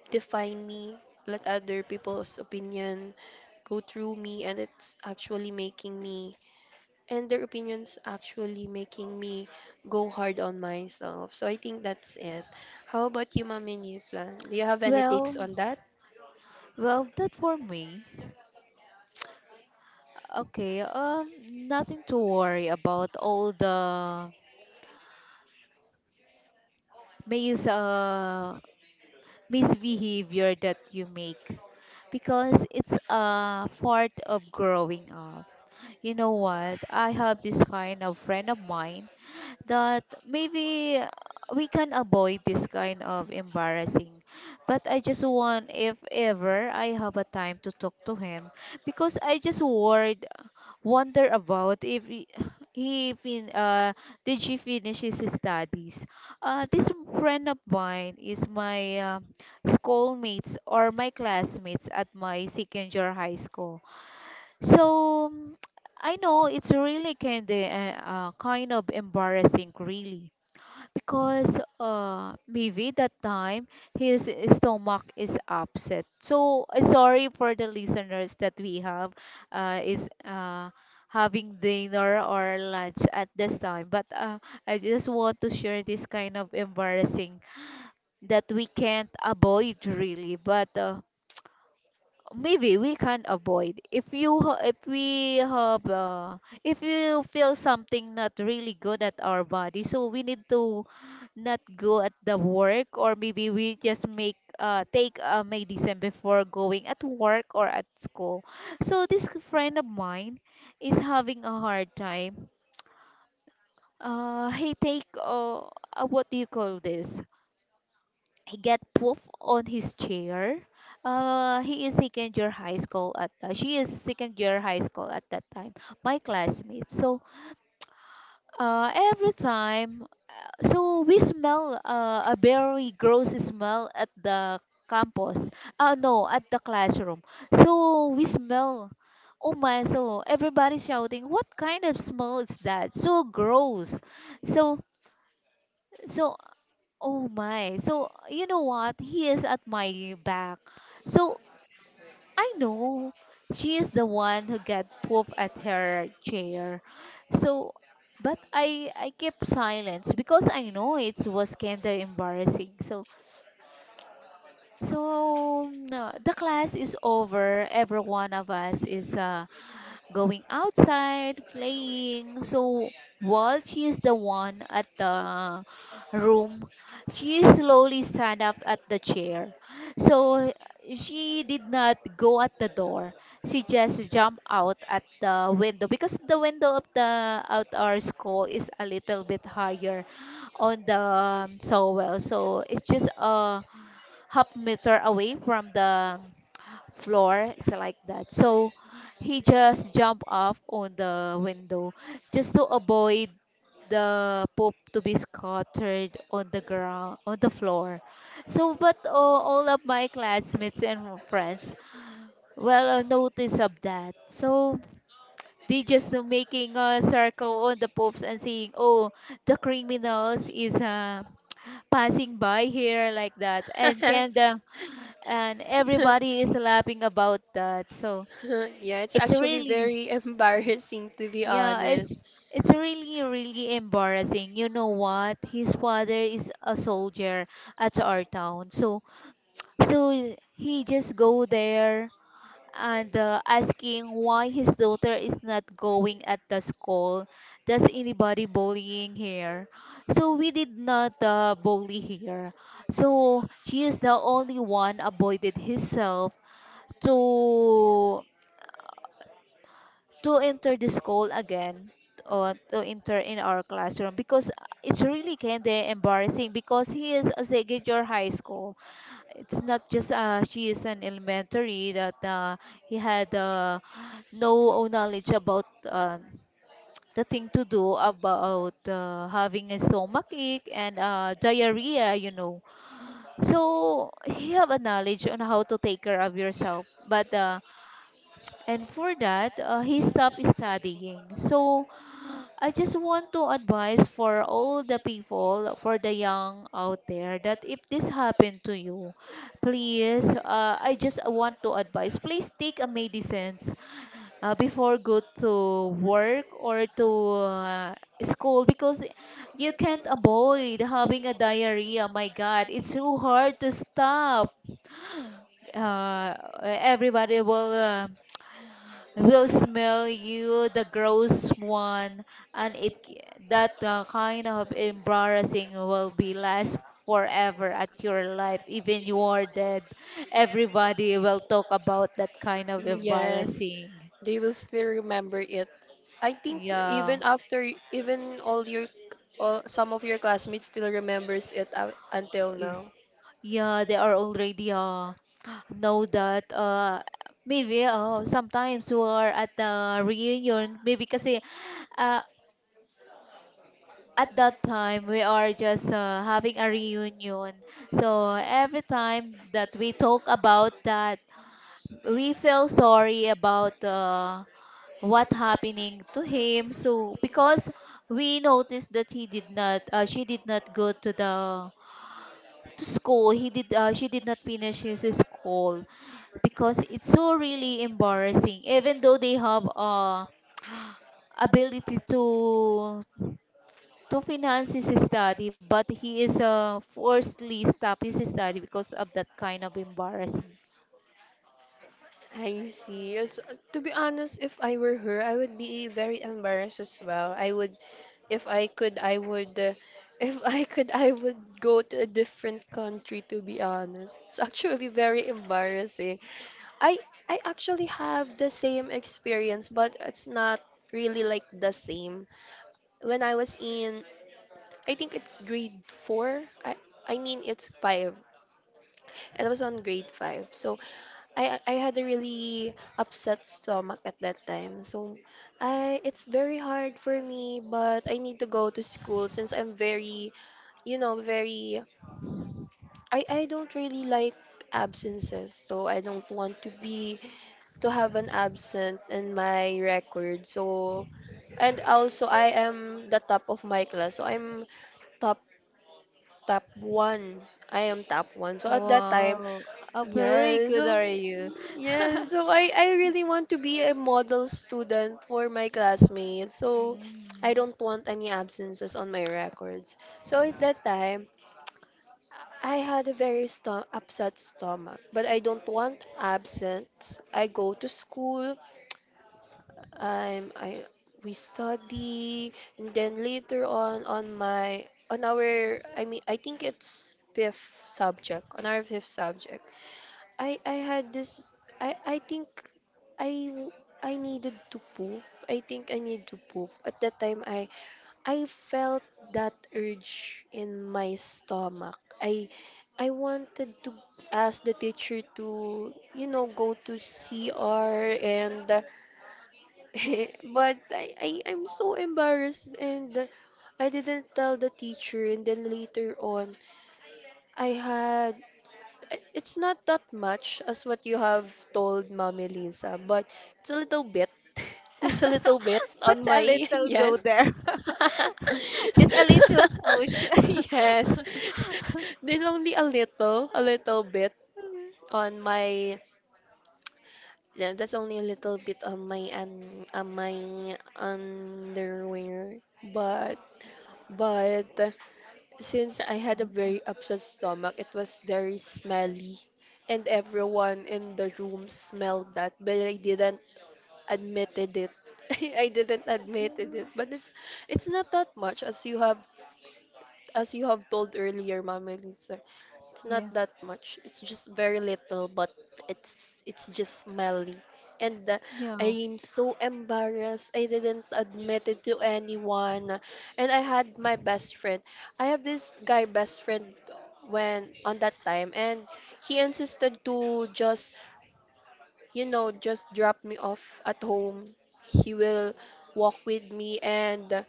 B: define me, let other people's opinion go through me, and it's actually making me, and their opinions actually making me go hard on myself. So I think that's it. How about you, Mami Nisa? Do you have any
A: Well,
B: takes on that?
A: well, that for me. Okay, nothing to worry about. All the mis uh, misbehavior that you make, because it's a part of growing up. You know what? I have this kind of friend of mine that maybe we can avoid this kind of embarrassing, but I just want, if ever I have a time to talk to him, because I just worried wonder about if he did she finish his studies. This friend of mine is my schoolmates or my classmates at my second year high school. So I know it's really kind of embarrassing, really, because maybe that time his stomach is upset. So sorry for the listeners that we have is having dinner or lunch at this time, but I just want to share this kind of embarrassing that we can't avoid, really, but. Maybe we can avoid if you if we have if you feel something not really good at our body, so we need to not go at the work, or maybe we just make take a medicine before going at work or at school. So this friend of mine is having a hard time. He take what do you call this, he get poof on his chair. He is second year high school at She is second year high school at that time. My classmate. So every time, so we smell a very gross smell at the campus. No, at the classroom. So we smell. Oh my! So everybody shouting, "What kind of smell is that? So gross!" So so, oh my. So, you know what? He is at my back. So, I know she is the one who got pooped at her chair. So, but I kept silence because I know it was kind of embarrassing. So, so no, the class is over. Every one of us is going outside, playing. So while she is the one at the room, she slowly stand up at the chair. So she did not go at the door. She just jumped out at the window because the window of the out our school is a little bit higher on the so well. So it's just a half meter away from the floor, it's like that. So he just jumped off on the window just to avoid the poop to be scattered on the ground on the floor. So but all of my classmates and friends well notice of that. So they just making a circle on the poops and saying, "Oh, the criminals is passing by here," like that. And can the and everybody
B: [LAUGHS]
A: is laughing about that. So
B: [LAUGHS] Yeah, it's
A: it's
B: actually
A: really,
B: very [LAUGHS] embarrassing, to be
A: yeah,
B: honest. [LAUGHS]
A: it's really really embarrassing. You know what? His father is a soldier at our town, so so he just go there and asking why his daughter is not going at the school. Does anybody bullying here? So we did not bully here. So she is the only one avoided himself to to enter the school again, or to enter in our classroom, because it's really kind of embarrassing because he is a Segedure High School. It's not just she is an elementary that he had no knowledge about the thing to do about having a stomach ache and diarrhea, you know. So he have a knowledge on how to take care of yourself, but and for that he stopped studying. So I just want to advise for all the people, for the young out there, that if this happened to you, please, I just want to advise, please take a medicines before go to work or to uh, school, because you can't avoid having a diarrhea. My God, it's so hard to stop. Uh, Everybody will. Will smell you the gross one, and it that kind of embarrassing will be last forever at your life, even you are dead, everybody will talk about that kind of
B: Mhm. Yes,
A: embarrassing.
B: they will still remember it. I think
A: Yeah.
B: even after, even all your, all, some of your classmates still remembers it out until
A: Y-
B: now.
A: yeah they are already know that maybe sometimes we are at the reunion maybe kasi, uh, at that time we are just having a reunion. So every time that we talk about that, we feel sorry about what happening to him. So because we noticed that he did not she did not go to the to school, he did she did not finish his school because it's so really embarrassing, even though they have ability to finance his study, but he is forcedly stop his study because of that kind of embarrassing.
B: I see. It's, to be honest, if I were her, I would be very embarrassed as well. I would, if I could, I would. [LAUGHS] If I could, I would go to a different country, to be honest. It's actually very embarrassing. I I actually have the same experience, but it's not really like the same. When I was in, I think it's grade four. I mean, it's five. And I was on grade five. So I had a really upset stomach at that time. So I it's very hard for me, but I need to go to school since I'm very, you know, very I don't really like absences. So I don't want to be to have an absent in my record. So, and also I am the top of my class. So I'm top top 1. I am top 1. So at that time,
A: Wow. Oh, very
B: yes,
A: good
B: so
A: are you?
B: yes,
A: [LAUGHS]
B: so I really want to be a model student for my classmates. So I
A: Mm.
B: don't want any absences on my records. So at that time, I had a very upset stomach, but I don't want absence. I go to school. I'm I We study, and then later on my on our, I mean, I think it's fifth subject on our fifth subject. I I had this I think I w- I needed to poop. I think I need to poop. At that time, I felt that urge in my stomach. I wanted to ask the teacher to, you know, go to CR, and [LAUGHS] but I'm so embarrassed, and I didn't tell the teacher, and then later on I had, I- it's not that much as what you have told Mommy Lisa, but it's a little bit. [LAUGHS] There's a little bit
A: But
B: on my
A: a
B: [LAUGHS]
A: little go
B: yes.
A: there. [LAUGHS]
B: [LAUGHS]
A: Just a little push.
B: Yes. [LAUGHS] There's only a little bit on my, yeah, that's only a little bit on my on my underwear. But but since I had a very upset stomach, it was very smelly, and everyone in the room smelled that, but I didn't admitted it. [LAUGHS] I didn't admitted it,
A: [LAUGHS]
B: but it's not that much as you have told earlier, Mama Lisa, it's not
A: Yeah,
B: that much. It's just very little, but it's just smelly. And
A: yeah.
B: I'm so embarrassed. I didn't admit it to anyone. And I had my best friend. I have this guy best friend when on that time, and he insisted to just, you know, just drop me off at home. He will walk with me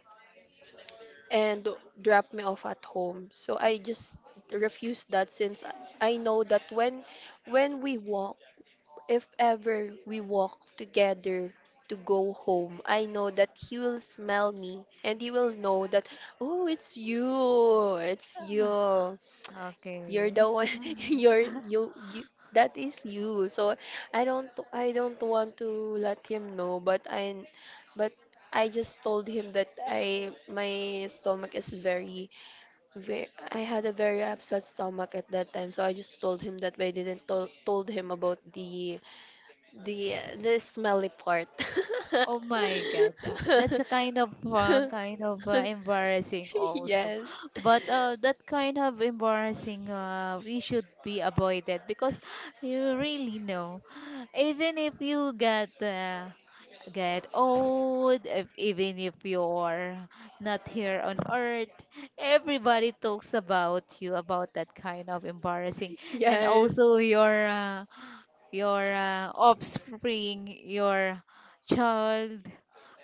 B: and drop me off at home. So I just refused that, since I know that when we walk, if ever we walk together to go home, I know that he will smell me and he will know that, oh, it's you. It's
A: Ah,
B: you. You're the
A: okay.
B: one [LAUGHS] you that is you. So I don't want to let him know, but but I just told him that I my stomach is very I had a very upset stomach at that time, so I just told him that, but I didn't to told him about the smelly part.
A: Oh my God, that's a
B: [LAUGHS]
A: kind of embarrassing also,
B: Yes,
A: [GASPS] but that kind of embarrassing we should be avoided because you really know, [SIGHS] even if you get old, if, even if you're not here on earth, everybody talks about you about that kind of embarrassing, and
B: yes.
A: also your offspring, your child,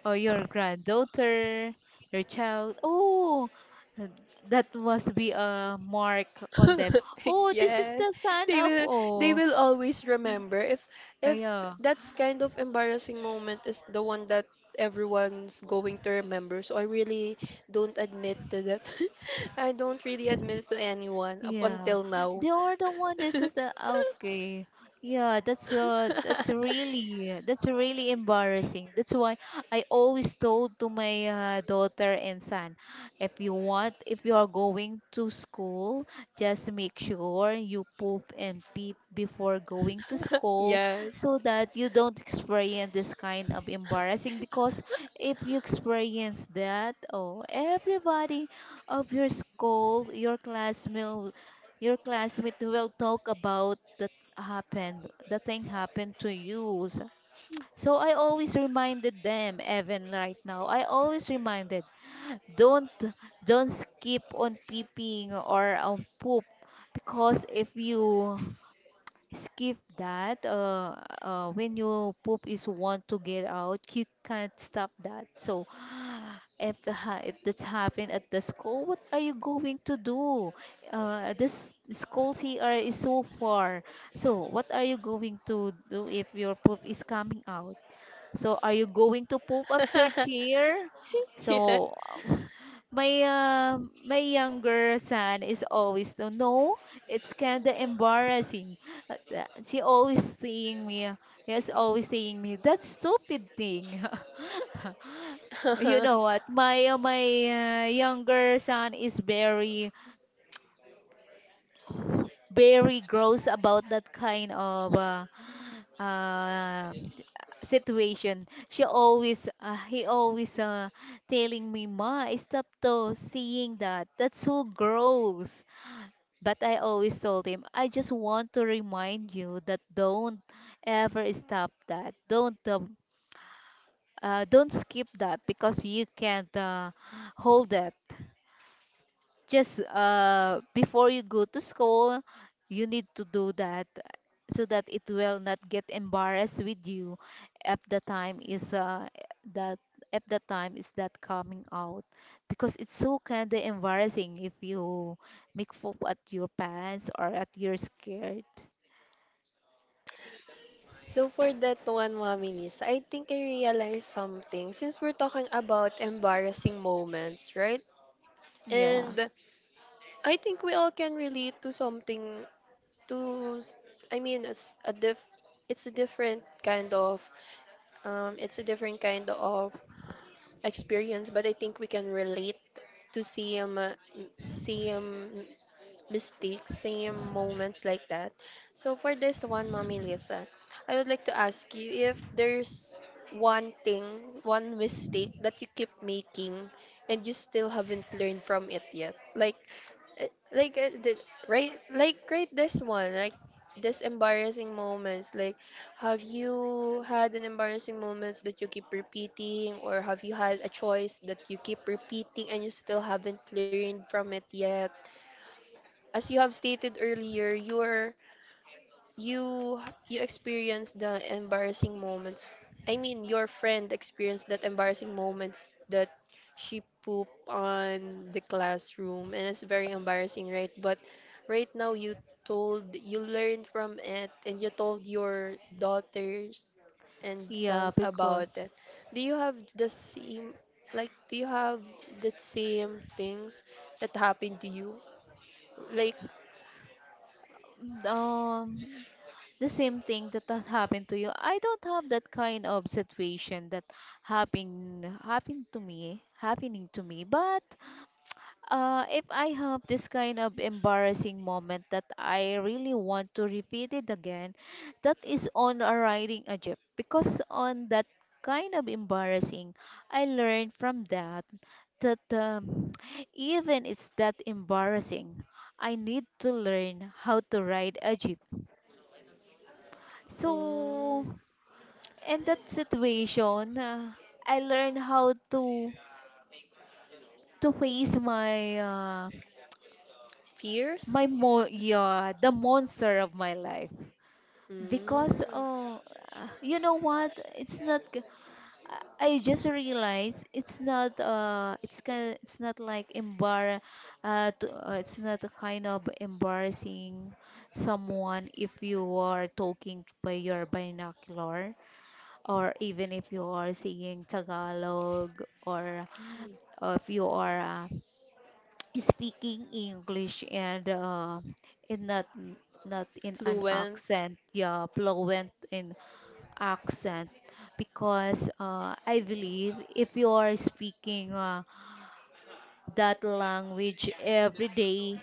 A: or your granddaughter, your child. Oh, uh, that must be a mark on them.
B: [LAUGHS]
A: Oh, this is
B: Yes,
A: the son
B: they
A: of.
B: will they
A: Oh,
B: will always remember,
A: oh
B: if
A: yeah.
B: that's kind of embarrassing moment is the one that everyone's going to remember. So I really don't admit to that. [LAUGHS] I don't really admit to anyone up
A: Yeah,
B: until now.
A: they are the one. This
B: [LAUGHS]
A: is the okay. Yeah, that's really embarrassing. That's why I always told to my daughter and son, if you want, if you are going to school, just make sure you poop and pee before going to school,
B: Yes.
A: so that you don't experience this kind of embarrassing. Because if you experience that, oh, everybody of your school, your classmate will talk about that happened, the thing happened to you. So I always reminded them, even right now, I always reminded, don't don't skip on peeping or on poop, because if you skip that. When you poop is want to get out, you can't stop that. So [SIGHS] if that's happened at the school, what are you going to do? This school here is so far. So what are you going to do if your poop is coming out? So are you going to move up your chair?
B: [LAUGHS] Yeah.
A: So [LAUGHS] my uh, my younger son is always no, no, it's kind of embarrassing. She always saying me, yes, always saying me that stupid thing. [LAUGHS] You know what?
B: [LAUGHS]
A: My younger son is very very gross about that kind of uh, situation. She always uh, he always uh, telling me, ma, stop to seeing that, that's so gross. But I always told him, I just want to remind you that don't ever stop that, don't skip that because you can't hold that. Just before you go to school, you need to do that, so that it will not get embarrassed with you if the time is that if the time is that coming out, because it's so kind of embarrassing if you make fool at your parents or at you're scared.
B: So for that one, Mommy Lisa, I think I realized something since we're talking about embarrassing moments, right?
A: Yeah,
B: And I think we all can relate to something to, I mean, it's a different kind of it's a different kind of experience, but I think we can relate to same same mistakes, same moments like that. So for this one, Mommy Lisa, I would like to ask you if there's one thing, one mistake that you keep making and you still haven't learned from it yet. Like, eh, like uh, the, right this one, like this embarrassing moments. Like, have you had an embarrassing moments that you keep repeating, or have you had a choice that you keep repeating and you still haven't learned from it yet? As you have stated earlier, you you experienced the embarrassing moments. I mean, your friend experienced that embarrassing moments, that she pooped on the classroom, and it's very embarrassing, right? But right now, you told you learned from it, and you told your daughters and
A: yeah.
B: sons about
A: Because
B: it. Do you have the same like? Do you have the same things that happened to you? Like
A: um the same thing that has happened to you, I don't have that kind of situation that happened to me, happening to me. But if I have this kind of embarrassing moment that I really want to repeat it again, that is on a riding a jeep. Because on that kind of embarrassing, I learned from that that [TSK] even it's that embarrassing, I need to learn how to ride a jeep.
B: mm,
A: So in that situation, I learned how to face my
B: fierce?
A: my mo yeah, the monster of my life. Because
B: Mm,
A: you know what it's not g- I just realized it's not it's kind it's not like embar to, it's not a kind of embarrassing someone if you are talking by your binocular, or even if you are seeing Tagalog, or if you are speaking English and in not, not in an
B: fluent?
A: accent, yeah, fluent in accent. Because I believe if you are speaking that language every day,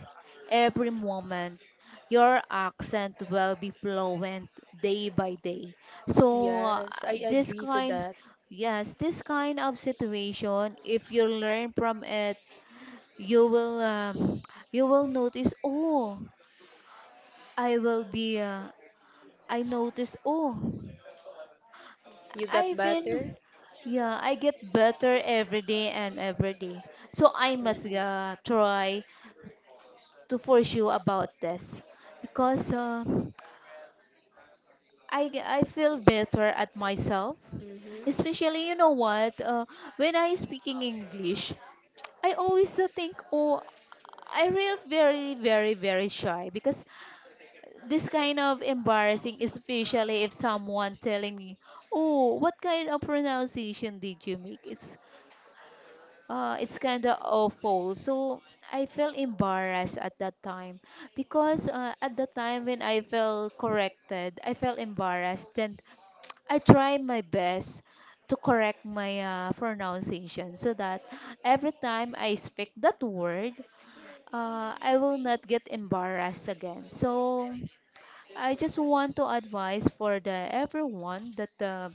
A: every moment, your accent will be fluent day by day. So
B: Yes, I
A: this
B: agree to
A: kind
B: that.
A: Yes, this kind of situation, if you learn from it, you will um, you will notice, oh, I will be I notice oh
B: You got
A: I've
B: better?
A: been yeah, I get better every day and every day. So I must
B: Mm,
A: try to pursue about this, because I feel better at myself.
B: mhm.
A: Especially, you know what, when I speaking English, I always think, oh, I really very very very shy, because this kind of embarrassing, especially if someone telling me, "Oh, what kind of pronunciation did you make?" It's kind of awful. So I felt embarrassed at that time, because at the time when I felt corrected, I felt embarrassed. Then I try my best to correct my pronunciation, so that every time I speak that word, I will not get embarrassed again. So I just want to advise for the everyone that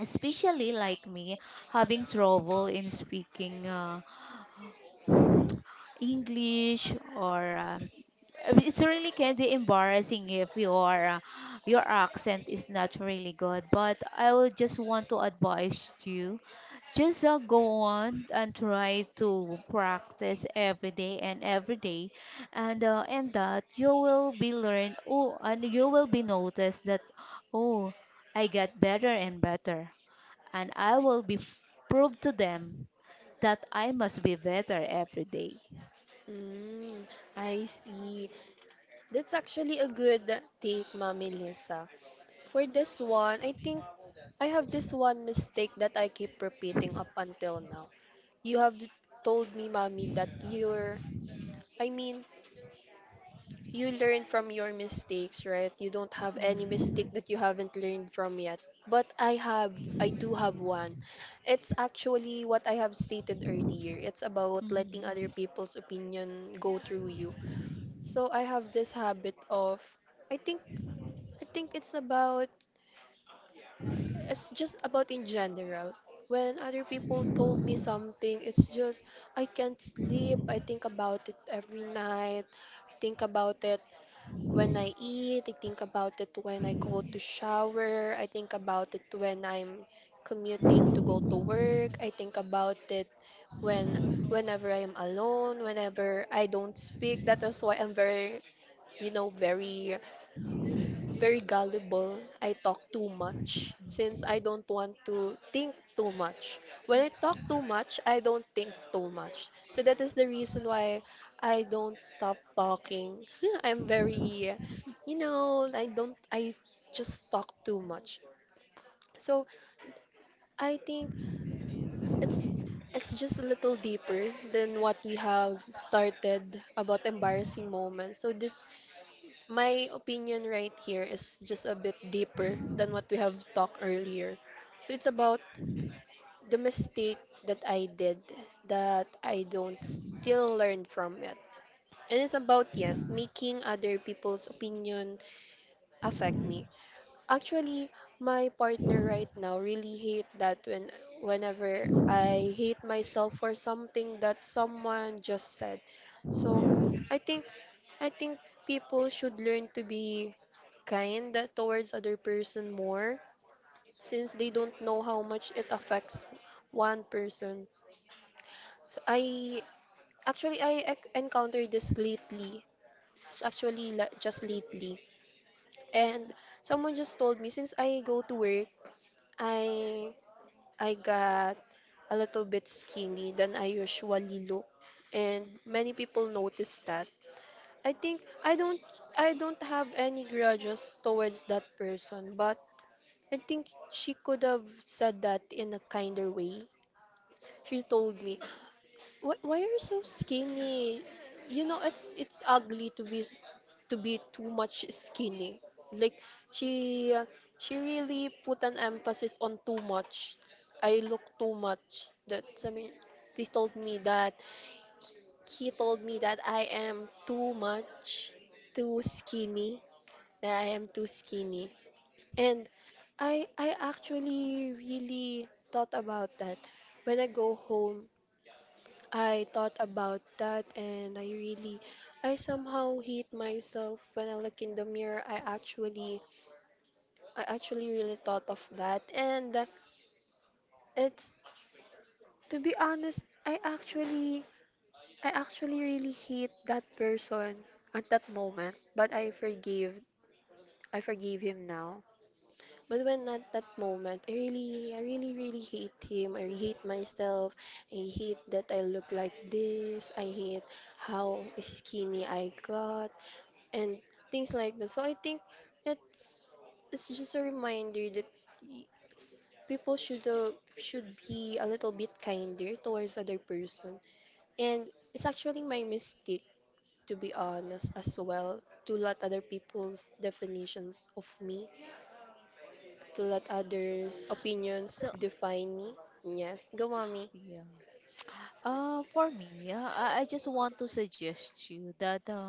A: especially like me, having trouble in speaking English, or it's really can be embarrassing if your your accent is not really good. But I will just want to advise you, just go on and try to practice every day and every day, and that you will be learn, oh, and you will be noticed that, oh, I get better and better, and I will be f- prove to them that I must be better every day.
B: Mm, I see. That's actually a good take, Mommy Lisa. For this one, I think I have this one mistake that I keep repeating up until now. You have told me, mommy, that you're, I mean, you learn from your mistakes, right? You don't have any mistake
A: Mm.
B: that you haven't learned from yet. But I have, I do have one. It's actually what I have stated earlier. It's about letting other
A: Mm.
B: people's opinion go through you. So I have this habit of, I think, I think it's about it's just about in general. When other people told me something, it's just I can't sleep. I think about it every night. I think about it when I eat. I think about it when I go to shower. I think about it when I'm commuting to go to work. I think about it when whenever I am alone, whenever I don't speak. That is why I'm very, very very gullible. I talk too much since I don't want to think too much. When I talk too much, I don't think too much. So that is the reason why I don't stop talking. [LAUGHS] I'm very, I don't, I just talk too much. So I think it's it's just a little deeper than what we have started about embarrassing moments. So this my opinion right here is just a bit deeper than what we have talked earlier. So it's about the mistake that I did that I don't still learn from it. And it's about, yes, making other people's opinion affect me. Actually, my partner right now really hate that when whenever I hate myself for something that someone just said. So, I think I think people should learn to be kind towards other person more since they don't know how much it affects one person. So I actually encountered this lately. It's actually just lately. And someone just told me since I go to work, I I got a little bit skinny than I usually look, and many people noticed that. I think I don't have any grudges towards that person, but I think she could have said that in a kinder way. She told me, why are you so skinny? You know, it's ugly to be too much skinny. Like she uh, she really put an emphasis on too much. I look too much. That's I mean, they told me that he told me that I am too much, too skinny. That I am too skinny. And I actually really thought about that. When I go home, I thought about that and I really I somehow hate myself when I look in the mirror. I actually really thought of that and it's to be honest, I actually really hate that person at that moment, but I forgave him now. But when at that moment, I really really hate him. I hate myself. I hate that I look like this. I hate how skinny I got. And things like that. So I think it's it's just a reminder that y- people should be a little bit kinder towards other person. And it's actually my mistake to be honest as well to let other people's definitions of me, to let others' opinions
A: So
B: define me. Yes, go mommy.
A: yeah. For me, I just want to suggest you that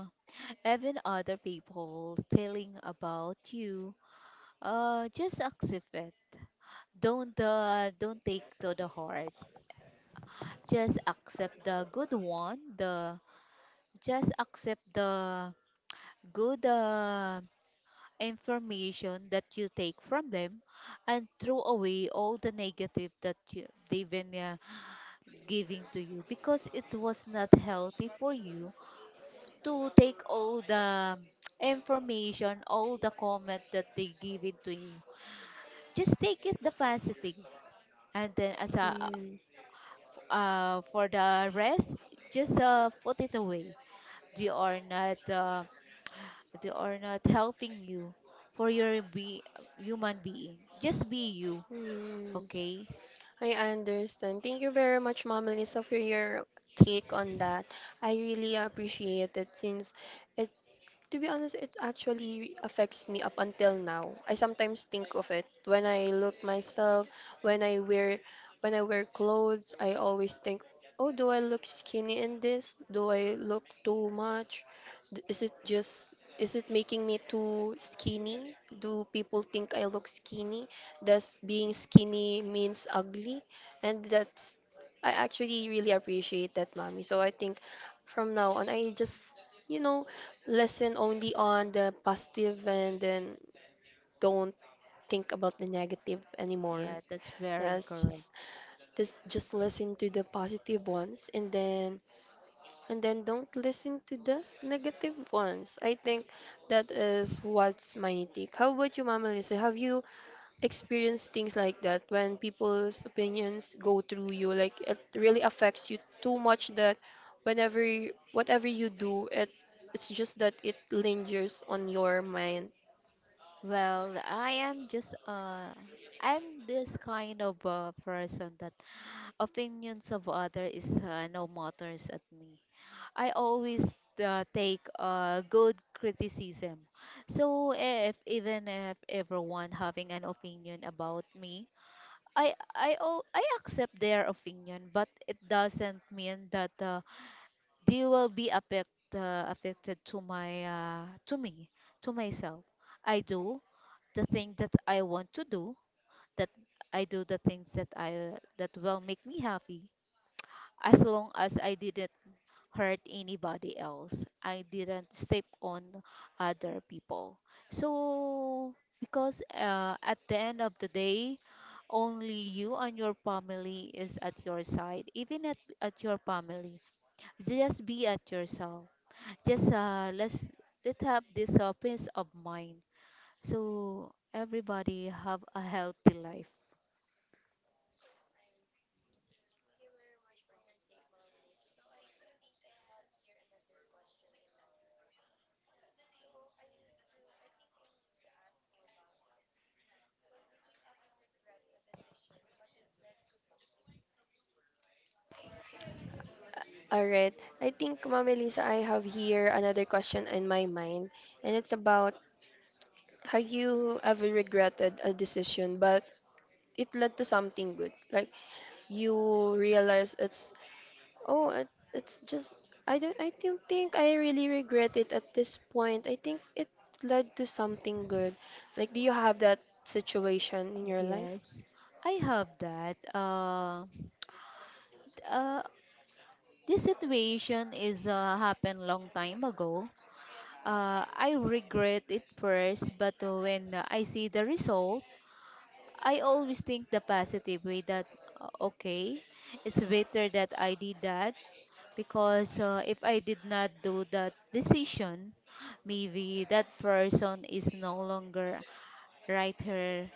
A: even other people telling about you, just accept it. Don't take to the heart. Just accept the good one. The Just accept the good information that you take from them, and throw away all the negative that you, they've been giving to you, because it was not healthy for you to take all the [TSK] information, all the comment that they give it to you. Just take it the positive and then as a
B: Mm.
A: For the rest, just put it away. They are not uh, they are not helping you for your be human being. Just be you,
B: Mm.
A: okay?
B: I understand. Thank you very much, Mom Lisa, for your take on that. I really appreciate it since it to be honest, it actually affects me up until now. I sometimes think of it when I look myself, when I wear when I wear clothes, I always think, "Oh, do I look skinny in this? Do I look too much? Is it just is it making me too skinny? Do people think I look skinny? Does being skinny means ugly?" And that's I actually really appreciate that, mommy. So I think from now on, I just you know, listen only on the positive and then don't think about the negative anymore.
A: Yeah, that's very
B: Yes,
A: correct.
B: just listen to the positive ones and then don't listen to the negative ones. I think that is what's my take. How about you, Mama Lisa? Have you experience things like that when people's opinions go through you like it really affects you too much that whenever whatever you do it's just that it lingers on your mind.
A: Well, I am just I'm this kind of person that opinions of other is no matters at me. I always take good criticism. So if, even if everyone having an opinion about me, I accept their opinion, but it doesn't mean that they will be affect, affected to my to me, to myself. I do the thing that I want to do. That I do the things that I that will make me happy. As long as I didn't hurt anybody else. I didn't step on other people. So, because at the end of the day, only you and your family is at your side. Even at your family, just be at yourself. Just let's Let have this peace of mind. So everybody have a healthy life.
B: All right. I think, Mama Lisa, I have here another question in my mind, and it's about have you ever regretted a decision, but it led to something good? Like you realize it's oh, it's just I don't think I really regret it at this point. I think it led to something good. Like, do you have that situation in your life?
A: Yes, I have that. Uh, This situation is happened long time ago. I regret it first, but when I see the result, I always think the positive way that okay, it's better that I did that, because if I did not do that decision, maybe that person is no longer right here,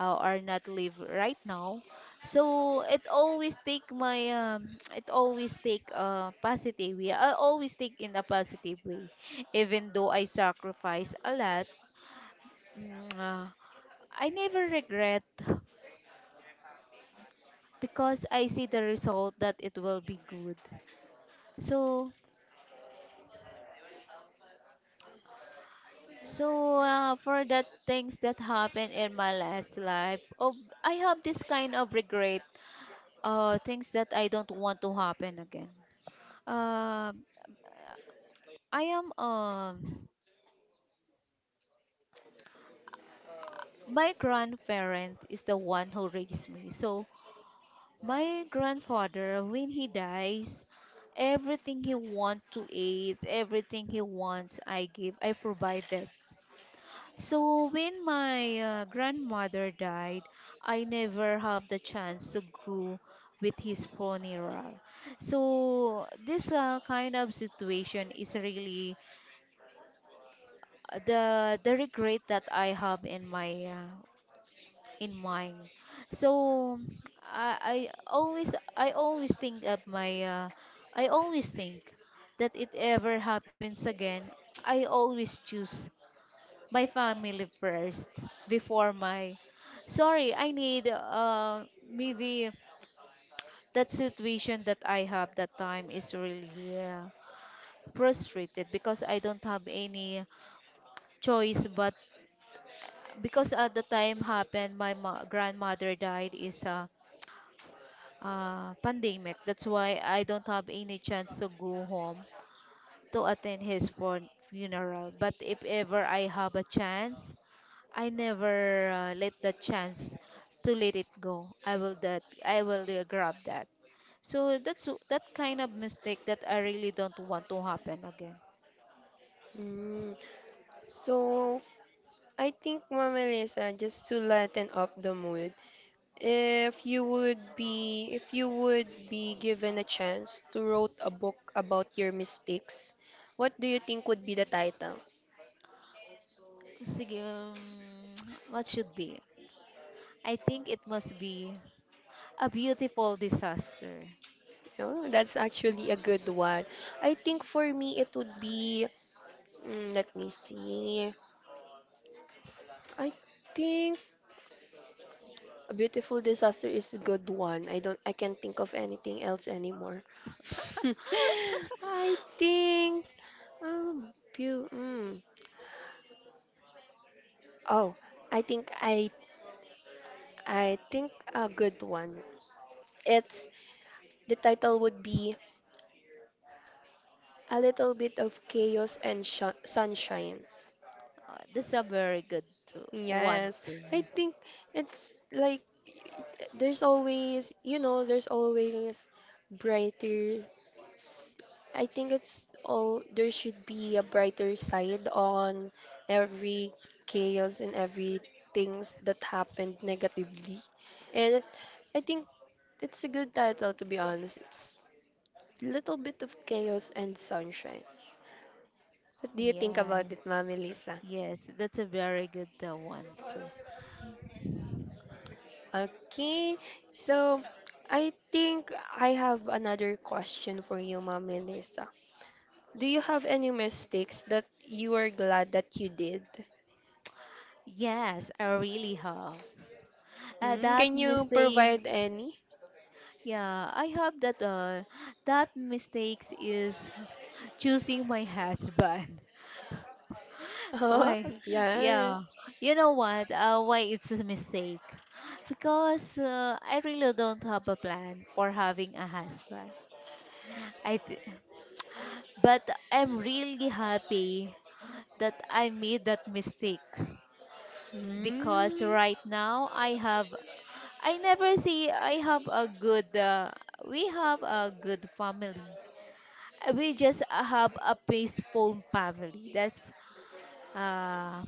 A: or not live right now. So it always take my [TSK] it always take a positive way. I always take in a positive way, even though I sacrifice a lot. mm, uh, I never regret, because I see the result that it will be good. So, so for that things that happened in my last life, oh, I have this kind of regret, things that I don't want to happen again. Um, I am My grandparent is the one who raised me. So my grandfather, when he dies, everything he want to eat, everything he wants, I provided. So when my grandmother died, I never have the chance to go with his funeral. So this kind of situation is really the regret that I have in my in mind. So, I always, I always think of my I always think that it ever happens again, I always choose my family first before my sorry, I need maybe that situation that I have that time is really frustrated, because I don't have any choice but because at the time happened my grandmother died is pandemic. That's why I don't have any chance to go home to attend his funeral. But if ever I have a chance, I never let the chance to let it go. I will grab that. So that's that kind of mistake that I really don't want to happen again.
B: Mm. So I think, Mama Lisa, just to lighten up the mood, if you would be given a chance to write a book about your mistakes, what do you think would be the title?
A: Sige, [TSK] what should be? I think it must be a beautiful disaster.
B: Oh, that's actually a good one. I think for me it would be mm, let me see. I think a beautiful disaster is a good one. I can't think of anything else anymore. [LAUGHS] I think um beau- mm. Oh, I think I I think a good one. It's the title would be a little bit of chaos and sunshine.
A: That's a very good one
B: Yes.
A: too.
B: I think it's like there's always, there's always brighter s- I think it's all there should be a brighter side on every chaos and every things that happened negatively. And I think it's a good title to be honest. It's little bit of chaos and sunshine. What do you think
A: Yeah.
B: about it, Mami Lisa?
A: Yes, that's a very good one too.
B: Okay. So I think I have another question for you, Mami Lisa. Do you have any mistakes that you are glad that you did?
A: Yes, I really have.
B: Hmm,
A: That
B: can you
A: mistake,
B: provide any? [LAUGHS]
A: yeah, I have that. That mistakes is choosing my husband. [LAUGHS]
B: Oh,
A: Why?
B: yeah.
A: Yeah, you know what? Why it's a mistake? Because I really don't have a plan for having a husband. I th- but I'm really happy that I made that mistake, because
B: Hmm,
A: right now I have, I never see, I have a good we have a good family. We just have a peaceful family. That's uh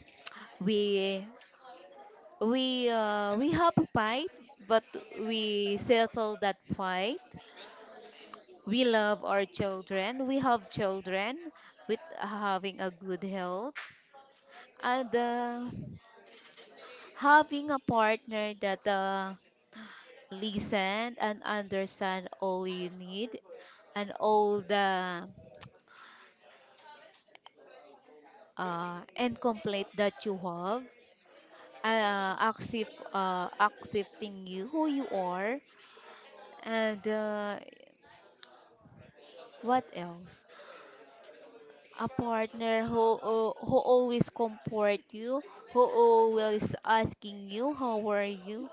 A: we we have a fight, but we settle that fight. We love our children. We have children with having a good health, and having a partner that listen and understand all you need, and all the incomplete that you have, accepting you who you are, and what else? A partner who always comfort you, who always asking you how are you.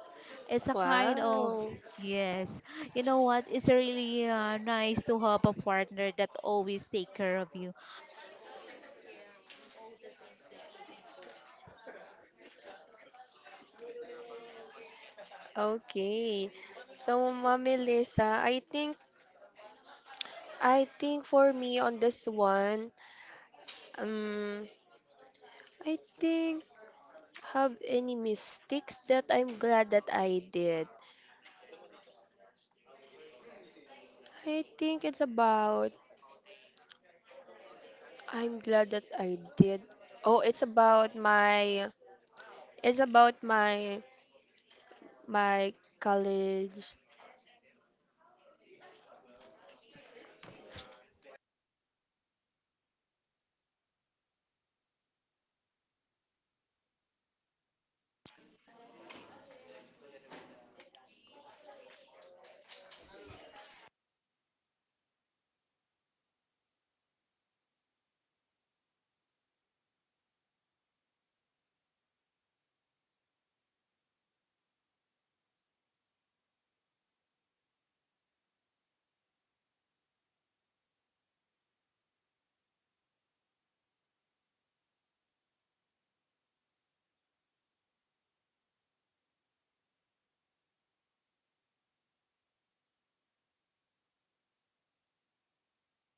A: It's a kind of
B: wow.
A: yes. You know what? It's really nice to have a partner that always take care of you, and always care all the things that you've been going through.
B: Okay. So, Mommy Lisa, I think for me on this one, um, I think have any mistakes that I'm glad that I did. I think it's about I'm glad that I did. Oh, it's about my it's about my my college
A: Bakit? Anong nangyari? Nag-stop. Mm. Hi. Nag-uploading oh.